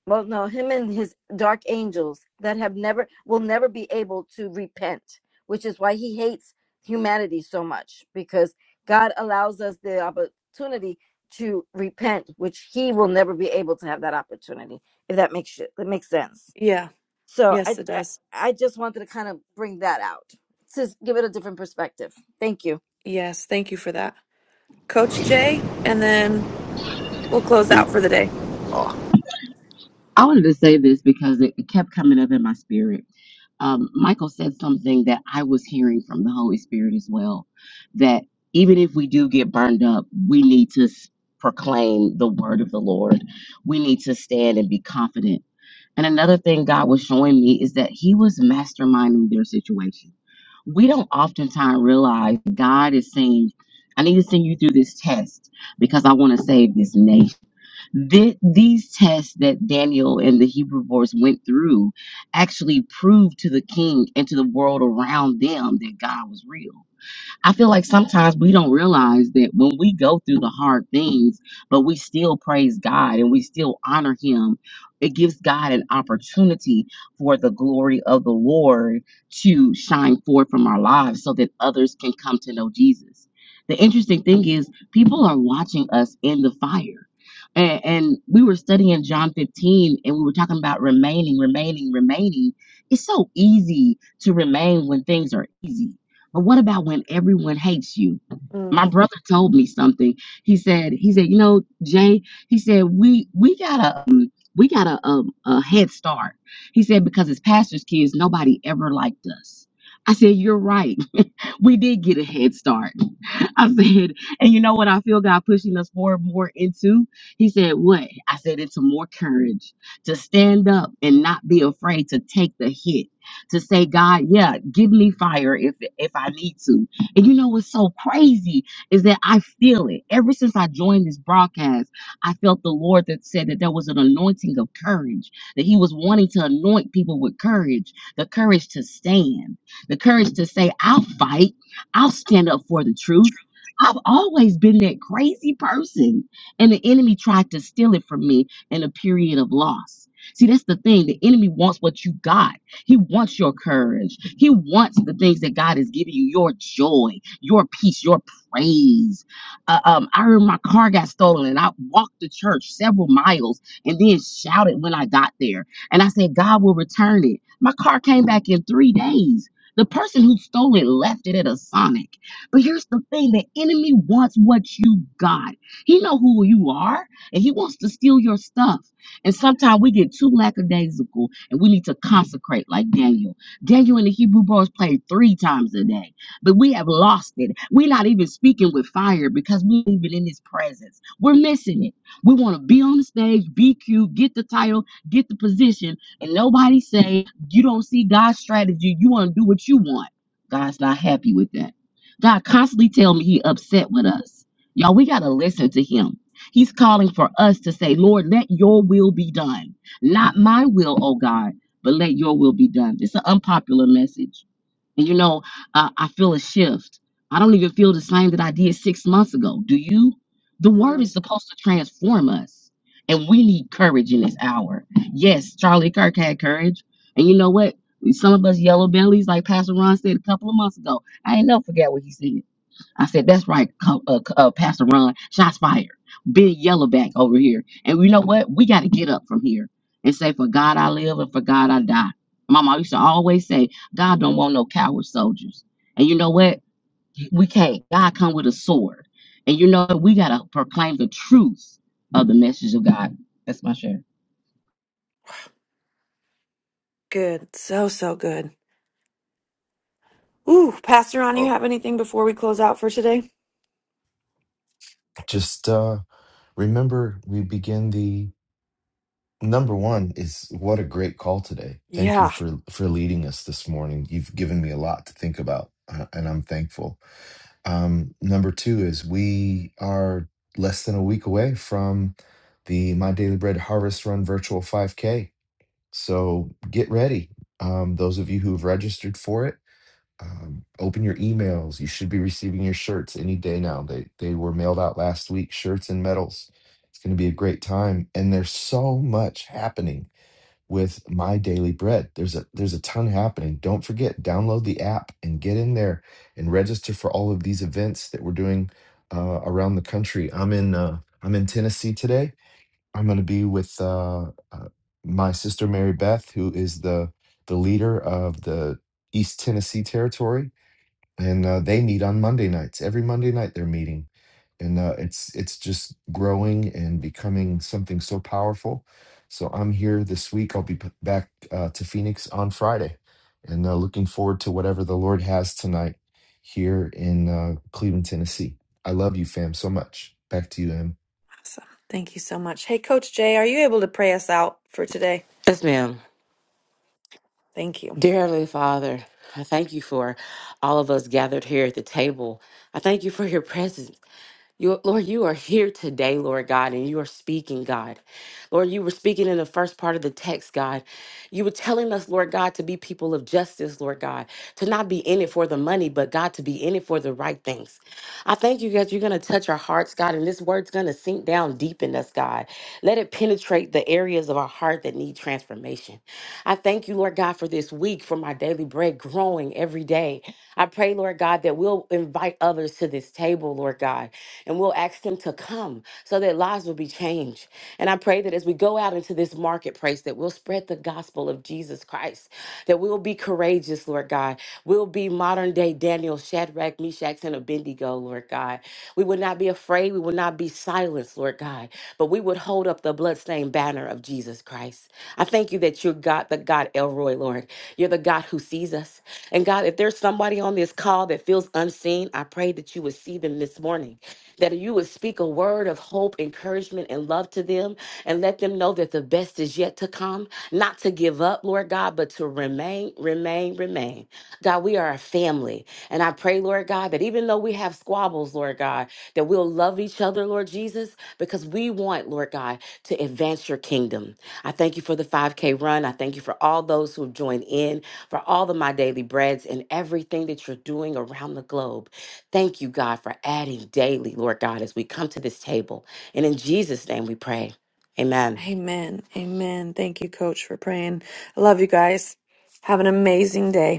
S12: well no him and his dark angels that have never will never be able to repent which is why he hates humanity so much because god allows us the opportunity to repent which he will never be able to have that opportunity if that makes shit that makes sense
S1: Yeah.
S12: so
S1: Yes,
S12: i
S1: it
S12: i,
S1: does.
S12: I just wanted to kind of bring that out to give it a different perspective thank you
S1: Yes, thank you for that. Coach Jay, and then we'll close
S16: E-
S1: out for the day.
S16: Oh,
S18: I wanted to say this because it, it kept coming up in my spirit. Um, Michael said something that I was hearing from the Holy Spirit as well that even if we do get burned up, we need to s- proclaim the word of the Lord. We need to stand and be confident. And another thing God was showing me is that He was masterminding their situation. We don't oftentimes realize God is saying, I need to send you through this test because I want to save this nation. Th- these tests that Daniel and the Hebrew boys went through actually proved to the king and to the world around them that God was real. I feel like sometimes we don't realize that when we go through the hard things, but we still praise God and we still honor Him, it gives God an opportunity for the glory of the Lord to shine forth from our lives so that others can come to know Jesus. The interesting thing is, people are watching us in the fire. And, and we were studying John 15 and we were talking about remaining, remaining, remaining. It's so easy to remain when things are easy but what about when everyone hates you?
S1: Mm.
S18: My brother told me something. He said, he said, you know, Jay, he said, we we gotta um, we got a, a, a head start. He said, because as pastors' kids, nobody ever liked us. I said, you're right we did get a head start. I said, and you know what I feel God pushing us more and more into? He said, What? I said, Into more courage to stand up and not be afraid to take the hit. To say, God, yeah, give me fire if if I need to. And you know what's so crazy is that I feel it. Ever since I joined this broadcast, I felt the Lord that said that there was an anointing of courage, that He was wanting to anoint people with courage, the courage to stand the courage to say, I'll fight, I'll stand up for the truth. I've always been that crazy person, and the enemy tried to steal it from me in a period of loss. See, that's the thing. The enemy wants what you got. He wants your courage. He wants the things that God has given you your joy, your peace, your praise. Uh, um, I remember my car got stolen and I walked to church several miles and then shouted when I got there. And I said, God will return it. My car came back in three days. The person who stole it left it at a Sonic. But here's the thing: the enemy wants what you got. He know who you are, and he wants to steal your stuff. And sometimes we get too lackadaisical, and we need to consecrate, like Daniel. Daniel and the Hebrew boys played three times a day, but we have lost it. We're not even speaking with fire because we're not even in His presence. We're missing it. We want to be on the stage, be cute, get the title, get the position, and nobody say. You don't see God's strategy. You want to do what you want. God's not happy with that. God constantly tell me he upset with us. Y'all, we got to listen to him. He's calling for us to say, Lord, let your will be done. Not my will, oh God, but let your will be done. It's an unpopular message and you know, uh, I feel a shift. I don't even feel the same that I did six months ago. Do you? The word is
S1: Mm,
S18: supposed to transform us. And we need courage in this hour. Yes, Charlie Kirk had courage. And you know what? Some of us yellow bellies, like Pastor Ron said a couple of months ago. I ain't never forget what he said. I said, that's right, Co- uh, Co- uh, Pastor Ron. Shots fired. Big Yellowback over here. And you know what? We got to get up from here and say, for God I live and for God I die. Mama used to always say, God don't want no coward soldiers. And you know what? We can't. God come with a sword. And you know what? We got to proclaim the truth of the message of God. That's my share.
S1: good. So, so good. Ooh, Pastor On,
S16: oh,
S1: you have anything before we close out for today?
S4: Just uh, remember, we begin the number one is what a great call today. Thank you
S1: Yeah.
S4: for for leading us this morning. You've given me a lot to think about, uh, and I'm thankful. Um, number two is we are less than a week away from the My Daily Bread Harvest Run virtual 5K. So get ready. Um, those of you who've registered for it. Um, open your emails. You should be receiving your shirts any day now. They they were mailed out last week. Shirts and medals. It's going to be a great time. And there's so much happening with My Daily Bread. There's a there's a ton happening. Don't forget, download the app and get in there and register for all of these events that we're doing uh, around the country. I'm in uh, I'm in Tennessee today. I'm going to be with uh, uh, my sister Mary Beth, who is the the leader of the East Tennessee Territory and uh, they meet on Monday nights. Every Monday night they're meeting, and uh, it's it's just growing and becoming something so powerful. So I'm here this week. I'll be p- back uh, to Phoenix on Friday, and uh, looking forward to whatever the Lord has tonight here in uh, Cleveland, Tennessee. I love you, fam, so much. Back to you, Em.
S1: Awesome. Thank you so much. Hey, Coach Jay, are you able to pray us out for today?
S18: Yes, ma'am.
S1: Thank you.
S18: Dear Heavenly Father, I thank you for all of us gathered here at the table. I thank you for your presence. You, Lord, you are here today, Lord God, and you are speaking, God. Lord, you were speaking in the first part of the text, God. You were telling us, Lord God, to be people of justice, Lord God, to not be in it for the money, but God, to be in it for the right things. I thank you, God, you're going to touch our hearts, God, and this word's going to sink down deep in us, God. Let it penetrate the areas of our heart that need transformation. I thank you, Lord God, for this week, for my daily bread growing every day. I pray, Lord God, that we'll invite others to this table, Lord God and we'll ask them to come so that lives will be changed. And I pray that as we go out into this marketplace, that we'll spread the gospel of Jesus Christ, that we'll be courageous, Lord God. We'll be modern day Daniel, Shadrach, Meshach, and Abednego, Lord God. We would not be afraid. We would not be silenced, Lord God, but we would hold up the bloodstained banner of Jesus Christ. I thank you that you're God, the God Elroy, Lord. You're the God who sees us. And God, if there's somebody on this call that feels unseen, I pray that you would see them this morning that you would speak a word of hope, encouragement, and love to them and let them know that the best is yet to come, not to give up, Lord God, but to remain, remain, remain. God, we are a family. And I pray, Lord God, that even though we have squabbles, Lord God, that we'll love each other, Lord Jesus, because we want, Lord God, to advance your kingdom. I thank you for the 5K run. I thank you for all those who have joined in, for all of my daily breads and everything that you're doing around the globe. Thank you, God, for adding daily, Lord God, as we come to this table. And in Jesus' name we pray. Amen.
S1: Amen. Amen. Thank you, Coach, for praying. I love you guys. Have an amazing day.